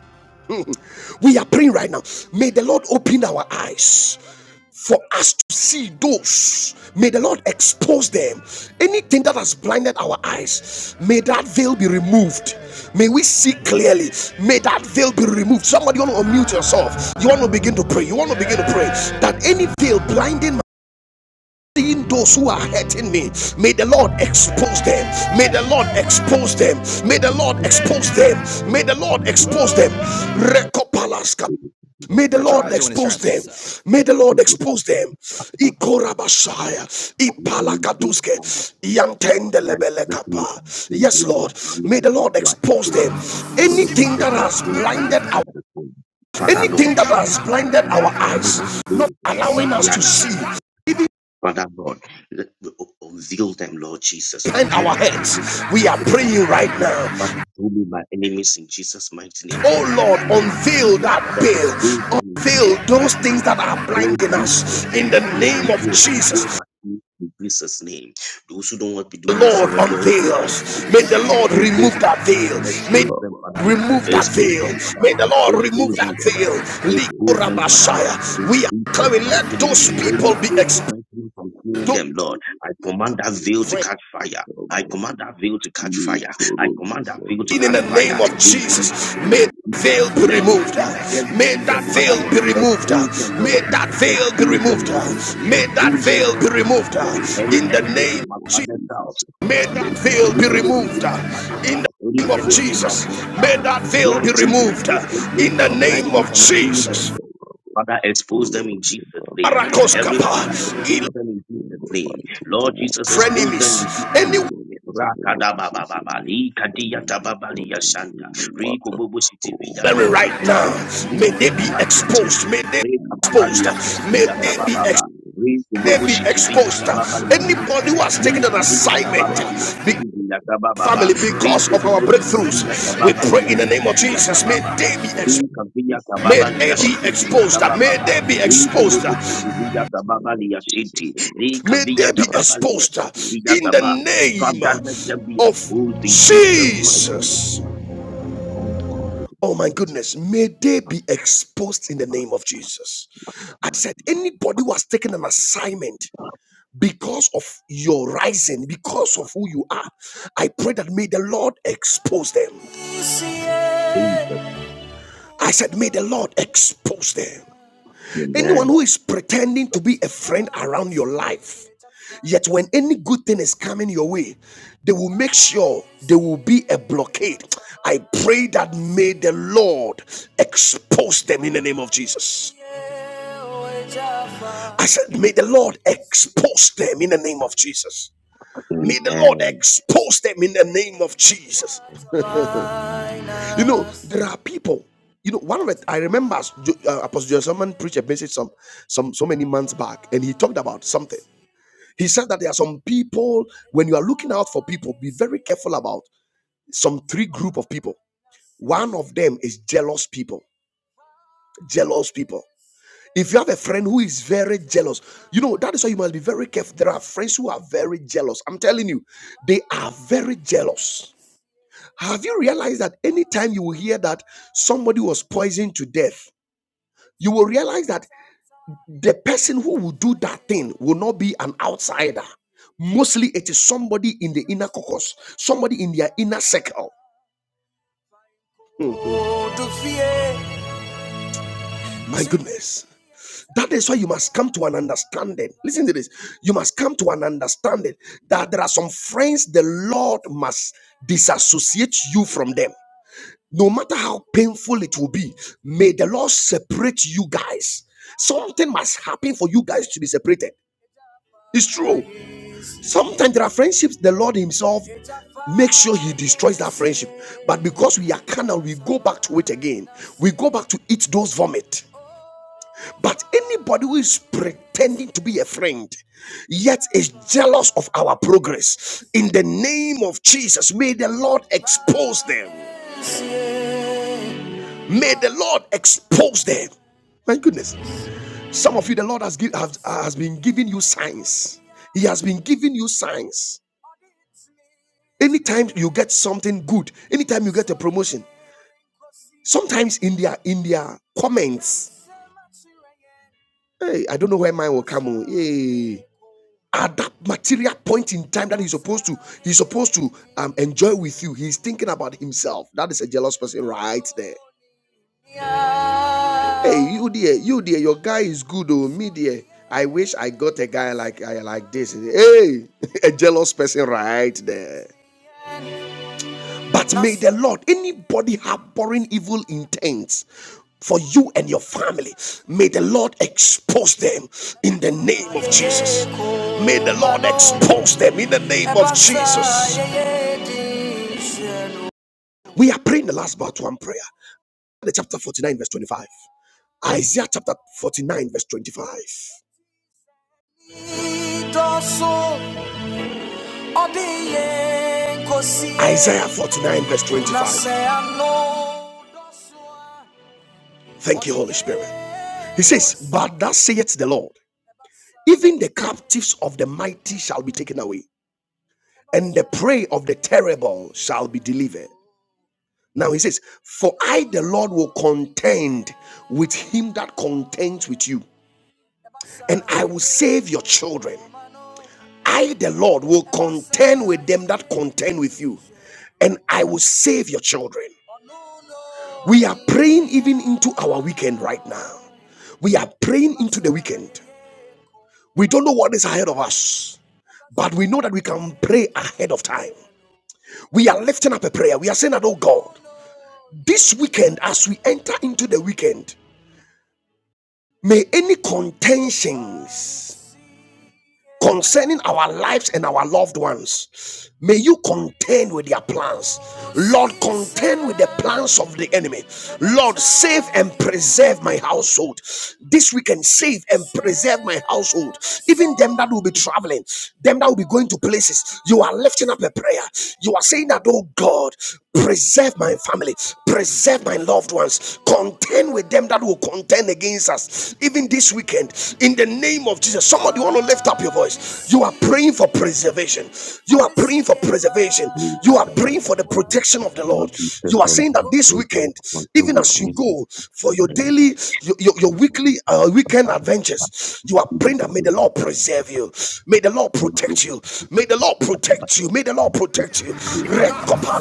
Speaker 1: We are praying right now. May the Lord open our eyes. for us to see those. May the Lord expose them. Anything that has blinded our eyes, may that veil be removed. May we see clearly. May that veil be removed. Somebody you want to unmute yourself. You want to begin to pray. You want to begin to pray that any veil blinding my seeing those who are hurting me may the lord expose them may the lord expose them may the lord expose them may the lord expose them Recopalaska May the
Speaker 2: Baba,
Speaker 1: Lord
Speaker 2: baba.
Speaker 1: expose them. May the Lord expose them. Ikorabashaya, Ipalakaduske,
Speaker 2: That is the reason we
Speaker 1: Yantendelebelekapa.
Speaker 2: come to
Speaker 1: Yes,
Speaker 2: those who
Speaker 1: Lord.
Speaker 2: are harming
Speaker 1: May
Speaker 2: the
Speaker 1: the
Speaker 2: people
Speaker 1: Lord
Speaker 2: who are
Speaker 1: expose
Speaker 2: helping
Speaker 1: them.
Speaker 2: them. Lord
Speaker 1: Anything
Speaker 2: Jesus,
Speaker 1: that has
Speaker 2: expose them in
Speaker 1: blinded our
Speaker 2: Jesus' name. Father
Speaker 1: anything
Speaker 2: Lord,
Speaker 1: that has blinded our
Speaker 2: command
Speaker 1: eyes,
Speaker 2: us
Speaker 1: not
Speaker 2: to have
Speaker 1: allowing us to
Speaker 2: fire in
Speaker 1: see.
Speaker 2: Jesus.
Speaker 1: Even
Speaker 2: Father God, let- uh, unveil them, Lord Jesus.
Speaker 1: behind
Speaker 2: Unveil
Speaker 1: our
Speaker 2: my
Speaker 1: heads,
Speaker 2: enemies in
Speaker 1: we are
Speaker 2: Jesus' mighty
Speaker 1: praying right
Speaker 2: name.
Speaker 1: now.
Speaker 2: Father, show me my enemies in Jesus' mighty name.
Speaker 1: Oh Lord,
Speaker 2: Father, let me see
Speaker 1: unveil
Speaker 2: them.
Speaker 1: that
Speaker 2: Father,
Speaker 1: veil.
Speaker 2: expose them in
Speaker 1: Unveil
Speaker 2: Jesus' mighty
Speaker 1: those things
Speaker 2: name.
Speaker 1: that are
Speaker 2: Lord
Speaker 1: blinding
Speaker 2: Jesus,
Speaker 1: us in the
Speaker 2: unveil,
Speaker 1: name of
Speaker 2: unveil,
Speaker 1: Jesus.
Speaker 2: unveil my enemies in Jesus' name. Those who don't want to do move
Speaker 1: Lord
Speaker 2: forward, Lord Jesus.
Speaker 1: unveil us. May the Lord
Speaker 2: Reveal
Speaker 1: remove
Speaker 2: them,
Speaker 1: that
Speaker 2: Father Lord.
Speaker 1: veil. May
Speaker 2: Expose them, Father Lord.
Speaker 1: remove that
Speaker 2: Expose
Speaker 1: veil.
Speaker 2: them, Father
Speaker 1: May
Speaker 2: Lord.
Speaker 1: the Lord remove
Speaker 2: Expose
Speaker 1: that
Speaker 2: them, Father
Speaker 1: veil.
Speaker 2: Lord. Expose
Speaker 1: Likura
Speaker 2: them, Father
Speaker 1: Messiah.
Speaker 2: Lord. In
Speaker 1: We are
Speaker 2: Jesus'
Speaker 1: coming. Let
Speaker 2: mighty name.
Speaker 1: those people
Speaker 2: Any
Speaker 1: be
Speaker 2: veil
Speaker 1: exposed.
Speaker 2: preventing me from seeing them, Lord. I command that veil to catch fire. I command that veil to catch fire. I command that veil to
Speaker 1: In
Speaker 2: catch
Speaker 1: the
Speaker 2: fire.
Speaker 1: name of
Speaker 2: In the mighty
Speaker 1: Jesus,
Speaker 2: name
Speaker 1: may
Speaker 2: of
Speaker 1: that veil
Speaker 2: Jesus.
Speaker 1: be
Speaker 2: Let me
Speaker 1: removed.
Speaker 2: see that. Let me
Speaker 1: May
Speaker 2: see
Speaker 1: that
Speaker 2: them,
Speaker 1: veil
Speaker 2: Father Lord.
Speaker 1: be removed.
Speaker 2: Expose them, Lord
Speaker 1: May that
Speaker 2: Jesus.
Speaker 1: veil be
Speaker 2: Expose them,
Speaker 1: removed.
Speaker 2: Lord Jesus.
Speaker 1: May that
Speaker 2: Expose
Speaker 5: Thank you.
Speaker 2: them,
Speaker 1: veil be
Speaker 2: Lord Jesus.
Speaker 1: removed.
Speaker 5: Oh,
Speaker 2: Any
Speaker 1: In the
Speaker 5: in
Speaker 1: name.
Speaker 2: enemy
Speaker 5: the
Speaker 1: of
Speaker 2: in my
Speaker 5: name of
Speaker 1: Jesus.
Speaker 2: father's house
Speaker 5: Jesus,
Speaker 1: May
Speaker 5: let
Speaker 1: that
Speaker 5: that
Speaker 1: veil
Speaker 2: any
Speaker 1: be
Speaker 5: will be
Speaker 2: enemy
Speaker 1: removed
Speaker 2: in
Speaker 1: uh,
Speaker 2: my
Speaker 5: removed.
Speaker 2: mother's
Speaker 1: in the
Speaker 2: house, any
Speaker 5: In
Speaker 1: name of
Speaker 5: the
Speaker 2: enemy in my
Speaker 5: name
Speaker 1: Jesus.
Speaker 5: of
Speaker 2: wife's house.
Speaker 1: May
Speaker 5: Jesus,
Speaker 1: that veil
Speaker 2: Lord
Speaker 1: be
Speaker 2: Jesus,
Speaker 5: let
Speaker 1: removed uh,
Speaker 2: those,
Speaker 5: that
Speaker 2: those
Speaker 5: be
Speaker 2: those
Speaker 1: in the
Speaker 2: who are
Speaker 1: name
Speaker 2: blinding me
Speaker 1: of
Speaker 5: removed.
Speaker 2: from
Speaker 5: Baba,
Speaker 2: seeing
Speaker 1: Jesus.
Speaker 2: them,
Speaker 5: Baba,
Speaker 2: Father,
Speaker 5: Oh
Speaker 2: expose them
Speaker 5: Lord,
Speaker 2: in
Speaker 5: let
Speaker 2: Jesus'
Speaker 5: that
Speaker 2: name. Every
Speaker 5: will
Speaker 1: Arakoskapa,
Speaker 5: be
Speaker 2: father,
Speaker 1: il-
Speaker 2: expose
Speaker 5: removed.
Speaker 2: them in
Speaker 5: In
Speaker 2: Jesus'
Speaker 5: the
Speaker 2: name.
Speaker 5: mighty
Speaker 2: Lord
Speaker 5: name of
Speaker 2: Jesus, expose
Speaker 5: Jesus,
Speaker 2: them
Speaker 1: frenemies,
Speaker 2: in Jesus'
Speaker 1: anyone
Speaker 5: in the
Speaker 2: name.
Speaker 5: mighty name of Jesus, in
Speaker 2: Rakadabababa,
Speaker 5: the family, in the
Speaker 2: likadiyatababaliya
Speaker 5: family,
Speaker 2: shanta,
Speaker 5: in the water. Oh,
Speaker 2: rikububusitiviyataba,
Speaker 5: who
Speaker 1: right now,
Speaker 5: has
Speaker 1: may
Speaker 5: mercy
Speaker 1: they be
Speaker 5: with me, Lord,
Speaker 2: likadiyatababaliyashiti,
Speaker 1: exposed. May they
Speaker 5: who
Speaker 1: be exposed.
Speaker 2: rekababaliya shitiviyatabababa, rikububushitiviyatababaliya shiti
Speaker 1: uh, May
Speaker 5: is
Speaker 1: they be
Speaker 5: around
Speaker 1: exposed.
Speaker 5: me
Speaker 2: biyatabababa,
Speaker 5: in this
Speaker 1: May They be
Speaker 5: battle
Speaker 1: exposed. uh,
Speaker 2: rikububusitiviyatababaliyashiti,
Speaker 1: Anybody who has taken an
Speaker 2: Minta vinya
Speaker 1: assignment,
Speaker 2: kababa luya
Speaker 5: problem
Speaker 1: uh, be-
Speaker 5: with
Speaker 2: siki vinya kababa ba.
Speaker 1: family, because
Speaker 2: Riki
Speaker 1: of our
Speaker 2: dubu siki
Speaker 1: breakthroughs,
Speaker 2: vinya
Speaker 5: that
Speaker 1: we
Speaker 2: kababa
Speaker 5: I
Speaker 1: pray
Speaker 2: luya
Speaker 1: in
Speaker 5: go
Speaker 1: the
Speaker 2: siki
Speaker 1: name of
Speaker 5: through
Speaker 2: vinya
Speaker 1: Jesus. May
Speaker 5: Lord,
Speaker 2: kababa ba.
Speaker 1: they be
Speaker 5: when I
Speaker 1: exposed.
Speaker 2: Minta
Speaker 5: have
Speaker 2: vinya
Speaker 1: May
Speaker 5: issues
Speaker 2: kababa
Speaker 5: or
Speaker 1: they
Speaker 2: luya
Speaker 1: be
Speaker 2: siki
Speaker 5: problem, oh
Speaker 2: vinya
Speaker 1: exposed.
Speaker 5: Lord.
Speaker 1: uh,
Speaker 5: Oh,
Speaker 2: kababa
Speaker 1: May
Speaker 2: ba.
Speaker 1: they be
Speaker 2: Riki
Speaker 5: I
Speaker 1: exposed. uh,
Speaker 2: dubu
Speaker 5: pray in
Speaker 2: siki
Speaker 5: the
Speaker 2: vinya
Speaker 5: mighty
Speaker 2: kababa
Speaker 5: name of
Speaker 2: luya
Speaker 5: Jesus,
Speaker 2: siki.
Speaker 5: oh Lord,
Speaker 2: Riki
Speaker 1: May
Speaker 2: vinya
Speaker 1: they be
Speaker 5: cast
Speaker 2: kababa
Speaker 5: me
Speaker 2: luya
Speaker 1: exposed uh,
Speaker 2: siki
Speaker 5: with
Speaker 2: vinya
Speaker 5: the-
Speaker 1: in the
Speaker 5: in
Speaker 2: kaba.
Speaker 5: the mighty
Speaker 1: name
Speaker 5: name
Speaker 2: Father,
Speaker 5: of
Speaker 2: let them
Speaker 5: Jesus,
Speaker 2: be
Speaker 1: uh, of
Speaker 2: exposed in
Speaker 5: oh
Speaker 2: Jesus'
Speaker 5: Lord,
Speaker 2: mighty
Speaker 5: that we
Speaker 2: name.
Speaker 1: Jesus.
Speaker 5: will be all covered in
Speaker 1: Oh
Speaker 5: the
Speaker 1: my
Speaker 5: mighty
Speaker 1: goodness,
Speaker 5: name of
Speaker 1: may they
Speaker 5: Jesus.
Speaker 1: be exposed in the name of Jesus. I said, anybody who has taken an assignment because of your rising, because of who you are, I pray that may the Lord expose them.
Speaker 2: Jesus.
Speaker 1: I said, may the Lord expose them. Anyone
Speaker 2: Amen.
Speaker 1: who is pretending to be a friend around your life, yet when any good thing is coming your way, they will make sure there will be a blockade. I pray that may the Lord expose them in the name of Jesus. I said, may the Lord expose them in the name of Jesus. May the Lord
Speaker 2: Amen.
Speaker 1: expose them in the name of Jesus.
Speaker 2: Amen.
Speaker 1: You know, there are people. You know, one of it. I remember uh, Apostle John Solomon preached a message some, some, so many months back, and he talked about something. He said that there are some people, when you are looking out for people, be very careful about some three group of people. One of them is jealous people. Jealous people. If you have a friend who is very jealous, you know, that is why you must be very careful. There are friends who are very jealous. I'm telling you, they are very jealous. Have you realized that anytime you will hear that somebody was poisoned to death, you will realize that the person who will do that thing will not be an outsider. Mostly it is somebody in the inner caucus, somebody in their inner circle. My goodness. That is why you must come to an understanding. Listen to this. You must come to an understanding that there are some friends the Lord must disassociate you from them. No matter how painful it will be, may the Lord separate you guys. Something must happen for you guys to be separated. It's true. Sometimes there are friendships the Lord Himself makes sure He destroys that friendship. But because we are carnal, we go back to it again. We go back to eat those vomit. But anybody who is pretending to be a friend, yet is jealous of our progress, in the name of Jesus, may the Lord expose them. May the Lord expose them. My goodness. Some of you, the Lord has, give, has, has been giving you signs. He has been giving you signs. anytime you get something good anytime you get a promotion sometimes in their in their comments hey i don't know where mine will come on hey at that material point in time that he's supposed to he's supposed to um, enjoy with you he's thinking about himself that is a jealous person right there hey you dear you dear your guy is good oh me dear i wish i got a guy like I like this hey a jealous person right there But may the Lord, anybody harboring evil intents for you and your family, may the Lord expose them in the name of Jesus. May the Lord expose them in the name of Jesus. We are praying the last part one prayer. The chapter 49, verse 25. Isaiah chapter 49, verse 25. Isaiah 49, verse 25. Thank you, Holy Spirit. He says, But thus saith the Lord, even the captives of the mighty shall be taken away, and the prey of the terrible shall be delivered. Now he says, For I, the Lord, will contend with him that contends with you, and I will save your children. I, the Lord, will contend with them that contend with you, and I will save your children. We are praying even into our weekend right now. We are praying into the weekend. We don't know what is ahead of us, but we know that we can pray ahead of time. We are lifting up a prayer. We are saying that, oh God, this weekend, as we enter into the weekend, may any contentions concerning our lives and our loved ones. May you contend with their plans. Lord, contend with the plans of the enemy. Lord, save and preserve my household. This weekend, save and preserve my household. Even them that will be traveling, them that will be going to places, you are lifting up a prayer. You are saying that, oh God, preserve my family, preserve my loved ones, contend with them that will contend turn against us even this weekend in the name of jesus somebody want to lift up your voice you are praying for preservation you are praying for preservation
Speaker 2: Riki
Speaker 1: you are praying
Speaker 2: kababa.
Speaker 1: for the protection of the
Speaker 2: Lord,
Speaker 1: lord
Speaker 2: you said
Speaker 1: you are saying that
Speaker 2: something.
Speaker 1: this
Speaker 2: Those that
Speaker 1: weekend
Speaker 2: will contend
Speaker 1: even
Speaker 2: with
Speaker 1: as you
Speaker 2: me.
Speaker 1: go for your daily your, your, your weekly uh, weekend adventures you are praying that may the lord
Speaker 2: Amen.
Speaker 1: preserve you may the lord
Speaker 2: my
Speaker 1: protect you may the
Speaker 2: family
Speaker 1: lord protect you may the lord protect you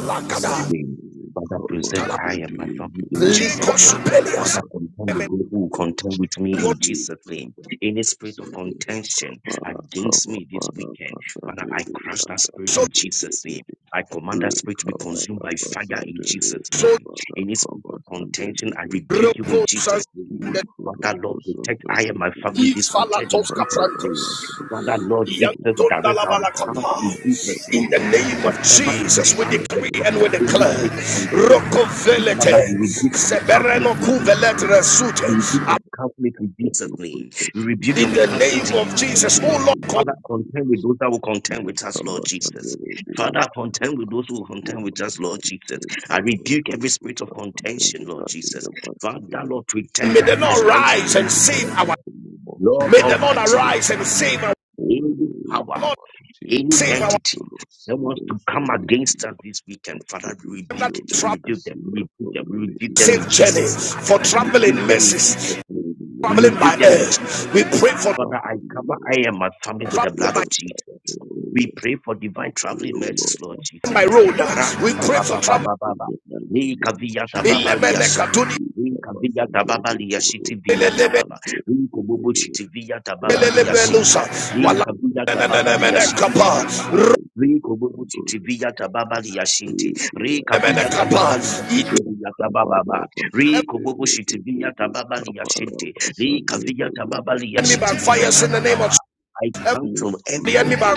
Speaker 2: in Jesus' name.
Speaker 5: We
Speaker 2: Father,
Speaker 5: cover
Speaker 2: preserve I
Speaker 5: the
Speaker 2: and my
Speaker 5: day,
Speaker 2: family in
Speaker 5: we
Speaker 2: Jesus'
Speaker 5: cover
Speaker 2: name.
Speaker 5: the
Speaker 1: likosupelias.
Speaker 2: Father, contend with those who
Speaker 5: fucking
Speaker 2: contend with me in Jesus'
Speaker 5: world.
Speaker 2: name. Any spirit of
Speaker 5: Sendiri
Speaker 2: contention
Speaker 5: Baba
Speaker 2: against
Speaker 5: Kaba
Speaker 2: me this
Speaker 5: Baba
Speaker 2: weekend, Father, I
Speaker 5: Pasandiri
Speaker 2: crush that spirit
Speaker 5: Andari
Speaker 1: So,
Speaker 2: in Jesus' name. I command that spirit to
Speaker 5: Rika
Speaker 2: be consumed
Speaker 5: Baba
Speaker 2: by fire in
Speaker 5: Pasandiri
Speaker 2: Jesus'
Speaker 1: so
Speaker 2: name.
Speaker 5: Baba
Speaker 2: Any spirit
Speaker 5: Kaba
Speaker 2: of contention,
Speaker 5: Sandiri
Speaker 2: I
Speaker 5: Bibi
Speaker 2: rebuke you in
Speaker 1: Roko
Speaker 2: Jesus' name.
Speaker 1: Sande
Speaker 5: Nikuru
Speaker 2: Father, Lord, protect I and
Speaker 5: Busandiri
Speaker 2: my family this
Speaker 5: Andari
Speaker 2: weekend
Speaker 1: Ifalatos
Speaker 2: in Jesus'
Speaker 5: Kaba
Speaker 2: name.
Speaker 5: Baba
Speaker 2: Father,
Speaker 5: Sandiri
Speaker 2: Lord Jesus,
Speaker 5: Bibi
Speaker 2: direct
Speaker 5: I
Speaker 2: our
Speaker 5: pray,
Speaker 2: path
Speaker 5: O
Speaker 2: in
Speaker 5: Lord,
Speaker 2: Jesus'
Speaker 5: that I
Speaker 1: In the
Speaker 2: name.
Speaker 5: might
Speaker 1: name
Speaker 5: share
Speaker 1: of
Speaker 5: it
Speaker 2: Whatever is
Speaker 5: with
Speaker 2: the
Speaker 1: Jesus, we
Speaker 2: plan, the
Speaker 1: decree
Speaker 2: block,
Speaker 1: and we
Speaker 5: family
Speaker 2: in this
Speaker 1: declare.
Speaker 5: in
Speaker 2: spirit of
Speaker 1: Roko
Speaker 2: contention, Father,
Speaker 5: after
Speaker 2: we
Speaker 5: in the
Speaker 2: rebuke and we
Speaker 5: mighty name
Speaker 2: cancel
Speaker 5: of
Speaker 2: it
Speaker 1: sebereno
Speaker 2: in
Speaker 5: Jesus, I
Speaker 2: Jesus'
Speaker 1: kuvelet
Speaker 5: just
Speaker 2: name.
Speaker 5: lift
Speaker 2: We
Speaker 5: and
Speaker 1: resute.
Speaker 2: rebuke
Speaker 5: Lord,
Speaker 2: and we cancel it in
Speaker 5: let
Speaker 2: Jesus'
Speaker 5: your
Speaker 2: name. We
Speaker 5: protection
Speaker 2: rebuke
Speaker 5: be
Speaker 2: and
Speaker 1: In
Speaker 2: we
Speaker 1: the
Speaker 5: all
Speaker 2: cancel
Speaker 5: about
Speaker 2: it
Speaker 1: name
Speaker 2: in
Speaker 1: of
Speaker 5: us in
Speaker 2: Jesus'
Speaker 5: the
Speaker 1: Jesus, oh
Speaker 2: name.
Speaker 5: mighty
Speaker 1: Lord,
Speaker 5: name
Speaker 2: Father,
Speaker 5: of
Speaker 2: contend with
Speaker 5: Jesus.
Speaker 2: those that will contend with
Speaker 5: Look
Speaker 2: us, Lord
Speaker 5: us under
Speaker 2: Jesus.
Speaker 5: the Rebbe
Speaker 2: Father,
Speaker 5: and
Speaker 2: contend with
Speaker 5: deliver.
Speaker 2: those who will
Speaker 5: O
Speaker 2: contend with us,
Speaker 5: Lord,
Speaker 2: Lord Jesus.
Speaker 5: content,
Speaker 2: I
Speaker 5: O Lord,
Speaker 2: rebuke
Speaker 5: we
Speaker 2: every spirit
Speaker 5: both
Speaker 2: of
Speaker 5: are content
Speaker 2: contention,
Speaker 5: with
Speaker 2: Lord
Speaker 5: us in
Speaker 2: Jesus.
Speaker 5: the mighty
Speaker 2: Father,
Speaker 5: name of
Speaker 2: Lord, protect,
Speaker 1: may
Speaker 5: Jesus.
Speaker 1: the
Speaker 2: guide, and
Speaker 1: Lord
Speaker 5: I
Speaker 2: strengthen
Speaker 1: rise
Speaker 5: pray
Speaker 2: this
Speaker 1: and
Speaker 5: in the
Speaker 1: save
Speaker 2: people,
Speaker 1: our.
Speaker 2: Lord.
Speaker 5: mighty name of
Speaker 2: Lord
Speaker 1: May the
Speaker 5: Jesus
Speaker 1: Lord
Speaker 5: that
Speaker 2: Almighty,
Speaker 5: O
Speaker 2: Lord
Speaker 1: arise and
Speaker 5: Lord,
Speaker 2: Father
Speaker 1: save our. May
Speaker 5: O
Speaker 2: any power,
Speaker 5: be
Speaker 1: Lord
Speaker 5: mighty in
Speaker 2: any
Speaker 5: our
Speaker 1: save our.
Speaker 5: lives, O
Speaker 2: entity
Speaker 5: Lord,
Speaker 2: that
Speaker 5: see
Speaker 2: wants to
Speaker 5: us, O
Speaker 2: come against us this
Speaker 5: Oh,
Speaker 2: weekend, Father,
Speaker 5: thank you,
Speaker 2: we
Speaker 5: Jesus,
Speaker 2: rebuke
Speaker 5: O
Speaker 2: it. We
Speaker 5: Lord.
Speaker 1: Travel,
Speaker 5: I
Speaker 2: rebuke them.
Speaker 5: see
Speaker 2: We
Speaker 5: us
Speaker 2: rebuke
Speaker 5: from
Speaker 2: them. We
Speaker 5: any
Speaker 2: rebuke them
Speaker 5: evil
Speaker 1: safe
Speaker 2: in
Speaker 1: journey
Speaker 5: in
Speaker 2: Jesus'
Speaker 5: the
Speaker 2: name.
Speaker 1: for
Speaker 5: crop of
Speaker 2: We
Speaker 1: traveling
Speaker 2: rebuke them
Speaker 5: gold.
Speaker 2: in Jesus'
Speaker 1: mercies,
Speaker 5: We
Speaker 2: name. We
Speaker 5: know,
Speaker 1: traveling by
Speaker 5: Lord,
Speaker 2: rebuke them
Speaker 5: those
Speaker 1: air.
Speaker 2: in
Speaker 5: of us
Speaker 2: Jesus'
Speaker 5: who
Speaker 1: We
Speaker 5: are to
Speaker 2: name.
Speaker 1: pray
Speaker 5: be
Speaker 1: for
Speaker 2: Father, I
Speaker 5: profited, O
Speaker 2: cover
Speaker 5: Lord,
Speaker 2: I am my family
Speaker 5: by
Speaker 2: with
Speaker 5: the
Speaker 1: traveling.
Speaker 2: the
Speaker 5: word
Speaker 2: blood
Speaker 1: by.
Speaker 2: of
Speaker 5: and by
Speaker 2: Jesus.
Speaker 5: prayer, O
Speaker 2: We
Speaker 5: Lord.
Speaker 2: pray for
Speaker 5: I
Speaker 2: divine
Speaker 5: pray,
Speaker 2: traveling
Speaker 5: O
Speaker 2: mercies,
Speaker 5: Lord,
Speaker 2: Lord
Speaker 1: my
Speaker 2: Jesus.
Speaker 5: for
Speaker 1: road.
Speaker 5: you to
Speaker 2: Rak
Speaker 1: We
Speaker 2: ta
Speaker 1: pray
Speaker 2: ba
Speaker 1: for
Speaker 2: ba
Speaker 5: protect
Speaker 2: ba
Speaker 1: trouble.
Speaker 5: us
Speaker 2: ba ba
Speaker 5: in
Speaker 2: ba
Speaker 5: the mighty
Speaker 2: ni ka
Speaker 5: name
Speaker 2: vi
Speaker 5: of
Speaker 2: ya ta ba ba
Speaker 5: Jesus.
Speaker 2: li
Speaker 1: Ilemene
Speaker 2: shanta ni
Speaker 5: Lift
Speaker 2: ka
Speaker 5: up us
Speaker 2: ta ba ba
Speaker 5: the
Speaker 2: li
Speaker 5: Boro
Speaker 2: shiti vi ya
Speaker 5: Koda
Speaker 2: ta ba ba
Speaker 5: and the
Speaker 2: ni ko
Speaker 5: Rebbe
Speaker 2: shiti vi ta ba ba li
Speaker 5: Rakapara
Speaker 2: shindi Li
Speaker 5: Basande
Speaker 2: kabuya
Speaker 5: Rebbe
Speaker 2: tababa
Speaker 5: and the
Speaker 2: liyashiti biya tababa. Li
Speaker 5: Boro
Speaker 2: kububu
Speaker 5: Koda
Speaker 2: titi biya tababa liyashinti.
Speaker 5: and
Speaker 2: Ri kabiya
Speaker 5: the
Speaker 2: tababa liyashiti
Speaker 5: Thank you.
Speaker 2: biya tababa. ba. Ri kububu shiti biya tababa liyashinti. Li kabiya tababa
Speaker 1: enemy
Speaker 2: liyashiti
Speaker 1: by
Speaker 2: biya
Speaker 1: in the
Speaker 2: tababa.
Speaker 1: name of
Speaker 2: ba.
Speaker 1: Jesus.
Speaker 2: I
Speaker 1: every
Speaker 2: counsel every
Speaker 1: enemy by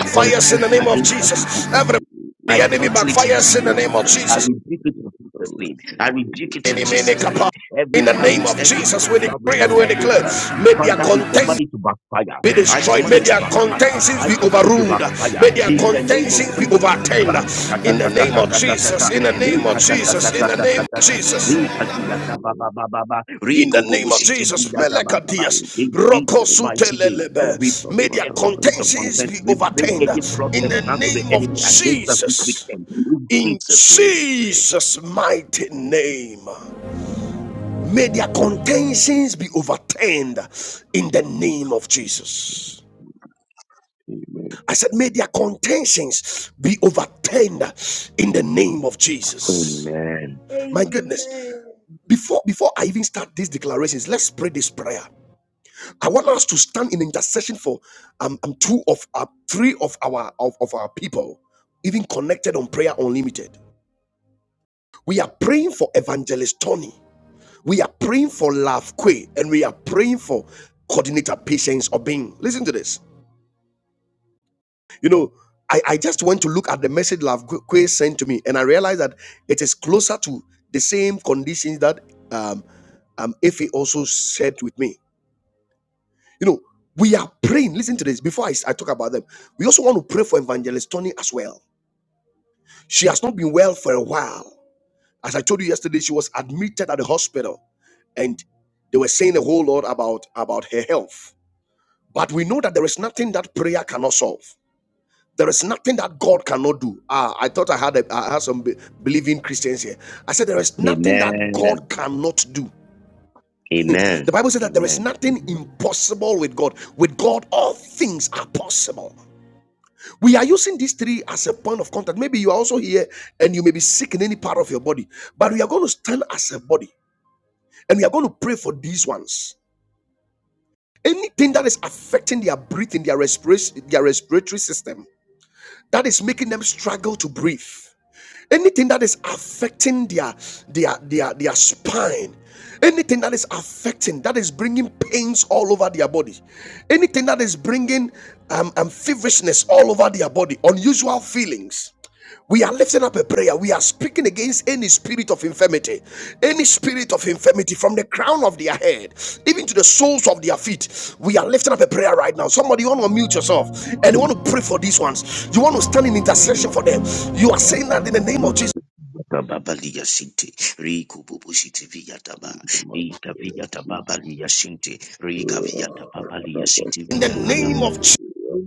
Speaker 1: in the name of
Speaker 2: against
Speaker 1: Jesus.
Speaker 2: that
Speaker 1: Every
Speaker 2: I
Speaker 1: enemy
Speaker 2: cancel it in
Speaker 1: backfires in the
Speaker 2: Jesus'
Speaker 1: name
Speaker 2: name.
Speaker 1: of
Speaker 2: I
Speaker 1: Jesus.
Speaker 2: rebuke it in Jesus' name. I rebuke it
Speaker 1: In
Speaker 2: in Jesus' name. Every
Speaker 1: the name
Speaker 2: arrows,
Speaker 1: of
Speaker 2: every
Speaker 1: Jesus,
Speaker 2: arrow
Speaker 1: we
Speaker 2: that we
Speaker 1: decree
Speaker 2: shot
Speaker 1: and we
Speaker 2: against
Speaker 1: declare.
Speaker 2: us,
Speaker 1: May their
Speaker 2: Father, we
Speaker 1: contention
Speaker 2: command it to backfire.
Speaker 1: be
Speaker 2: I
Speaker 1: destroyed.
Speaker 2: command
Speaker 1: May
Speaker 2: it to
Speaker 1: their
Speaker 2: backfire.
Speaker 1: contentions
Speaker 2: I
Speaker 1: be
Speaker 2: command it to
Speaker 1: overruled.
Speaker 2: backfire
Speaker 1: May their
Speaker 2: in the name of
Speaker 1: contentions be
Speaker 2: Jesus.
Speaker 1: overturned. In the name of
Speaker 2: Ra-ta-ta-ta-ta-ta-ta-ta-ta-ta.
Speaker 1: Jesus. In the name of Jesus. In the name of
Speaker 2: Re-ka-ta-ta-ta-ta-ta-ta-ta-ta.
Speaker 1: Jesus.
Speaker 2: Re-ka-du-ya-ta-ba-ba-ba-ba-ba.
Speaker 1: In
Speaker 5: Jesus.
Speaker 1: the name of Jesus,
Speaker 2: Re-ko-bo-bo-shi-ti-vi-ya-ta-ba-ba-ba.
Speaker 1: Melekadias,
Speaker 2: In Jesus' mighty name. We
Speaker 1: Rokosutelelebe, may
Speaker 2: break
Speaker 1: their
Speaker 2: every spirit of
Speaker 1: contentions
Speaker 2: contest.
Speaker 1: be
Speaker 2: We break
Speaker 1: overturned.
Speaker 2: any plot
Speaker 1: In
Speaker 2: and
Speaker 1: the
Speaker 2: plans of the
Speaker 1: name of
Speaker 2: enemy against us this
Speaker 1: Jesus,
Speaker 2: weekend. In
Speaker 1: in
Speaker 2: Jesus' name we pray.
Speaker 1: Jesus' mighty name, may their contentions be overturned. In the name of Jesus.
Speaker 5: Amen.
Speaker 1: I said, may their contentions be overturned in the name of Jesus.
Speaker 2: Amen.
Speaker 1: My
Speaker 6: Amen.
Speaker 1: goodness, before before I even start these declarations, let's pray this prayer. I want us to stand in intercession for um, um two of uh, three of our of, of our people, even connected on prayer unlimited. We are praying for evangelist Tony. We are praying for Love Quay, and we are praying for coordinator patience Obin. Listen to this. You know, I, I just went to look at the message Lavque sent to me, and I realized that it is closer to the same conditions that um, um, Efe also shared with me. You know, we are praying. Listen to this. Before I, I talk about them, we also want to pray for Evangelist Tony as well. She has not been well for a while. As I told you yesterday, she was admitted at the hospital, and they were saying a whole lot about about her health. But we know that there is nothing that prayer cannot solve. There is nothing that God cannot do. Ah, I thought I had a, I had some be- believing Christians here. I said there is nothing that God
Speaker 2: Amen.
Speaker 1: cannot do.
Speaker 2: Amen.
Speaker 1: The Bible says that there is
Speaker 2: Amen.
Speaker 1: nothing impossible with God. With God, all things are possible. We are using these three as a point of contact. Maybe you are also here and you may be sick in any part of your body, but we are going to stand as a body and we are going to pray for these ones. Anything that is affecting their breathing, their respiration, their respiratory system, that is making them struggle to breathe. anything that is affecting their their their their spine anything that is affecting that is bringing pains all over their body anything that is bringing um, um feverishness all over their body unusual feelings we are lifting up a prayer. We are speaking against any spirit of infirmity, any spirit of infirmity from the crown of their head, even to the soles of their feet. We are lifting up a prayer right now. Somebody, you want to mute yourself and you want
Speaker 2: Amen.
Speaker 1: to pray for these ones. You want to stand in intercession for them. You are saying that in the name of Jesus,
Speaker 2: Babalia Sinti, Riku Bubushiti Viataba,
Speaker 5: In the mighty
Speaker 2: Rika
Speaker 5: name of
Speaker 2: Viata
Speaker 5: Jesus.
Speaker 2: Babalia Sinti, Rika Viata Babalia
Speaker 5: Rabba
Speaker 2: Sinti
Speaker 1: in
Speaker 5: Sunday,
Speaker 1: the
Speaker 2: Viata
Speaker 1: name
Speaker 2: Baba.
Speaker 1: of Jesus,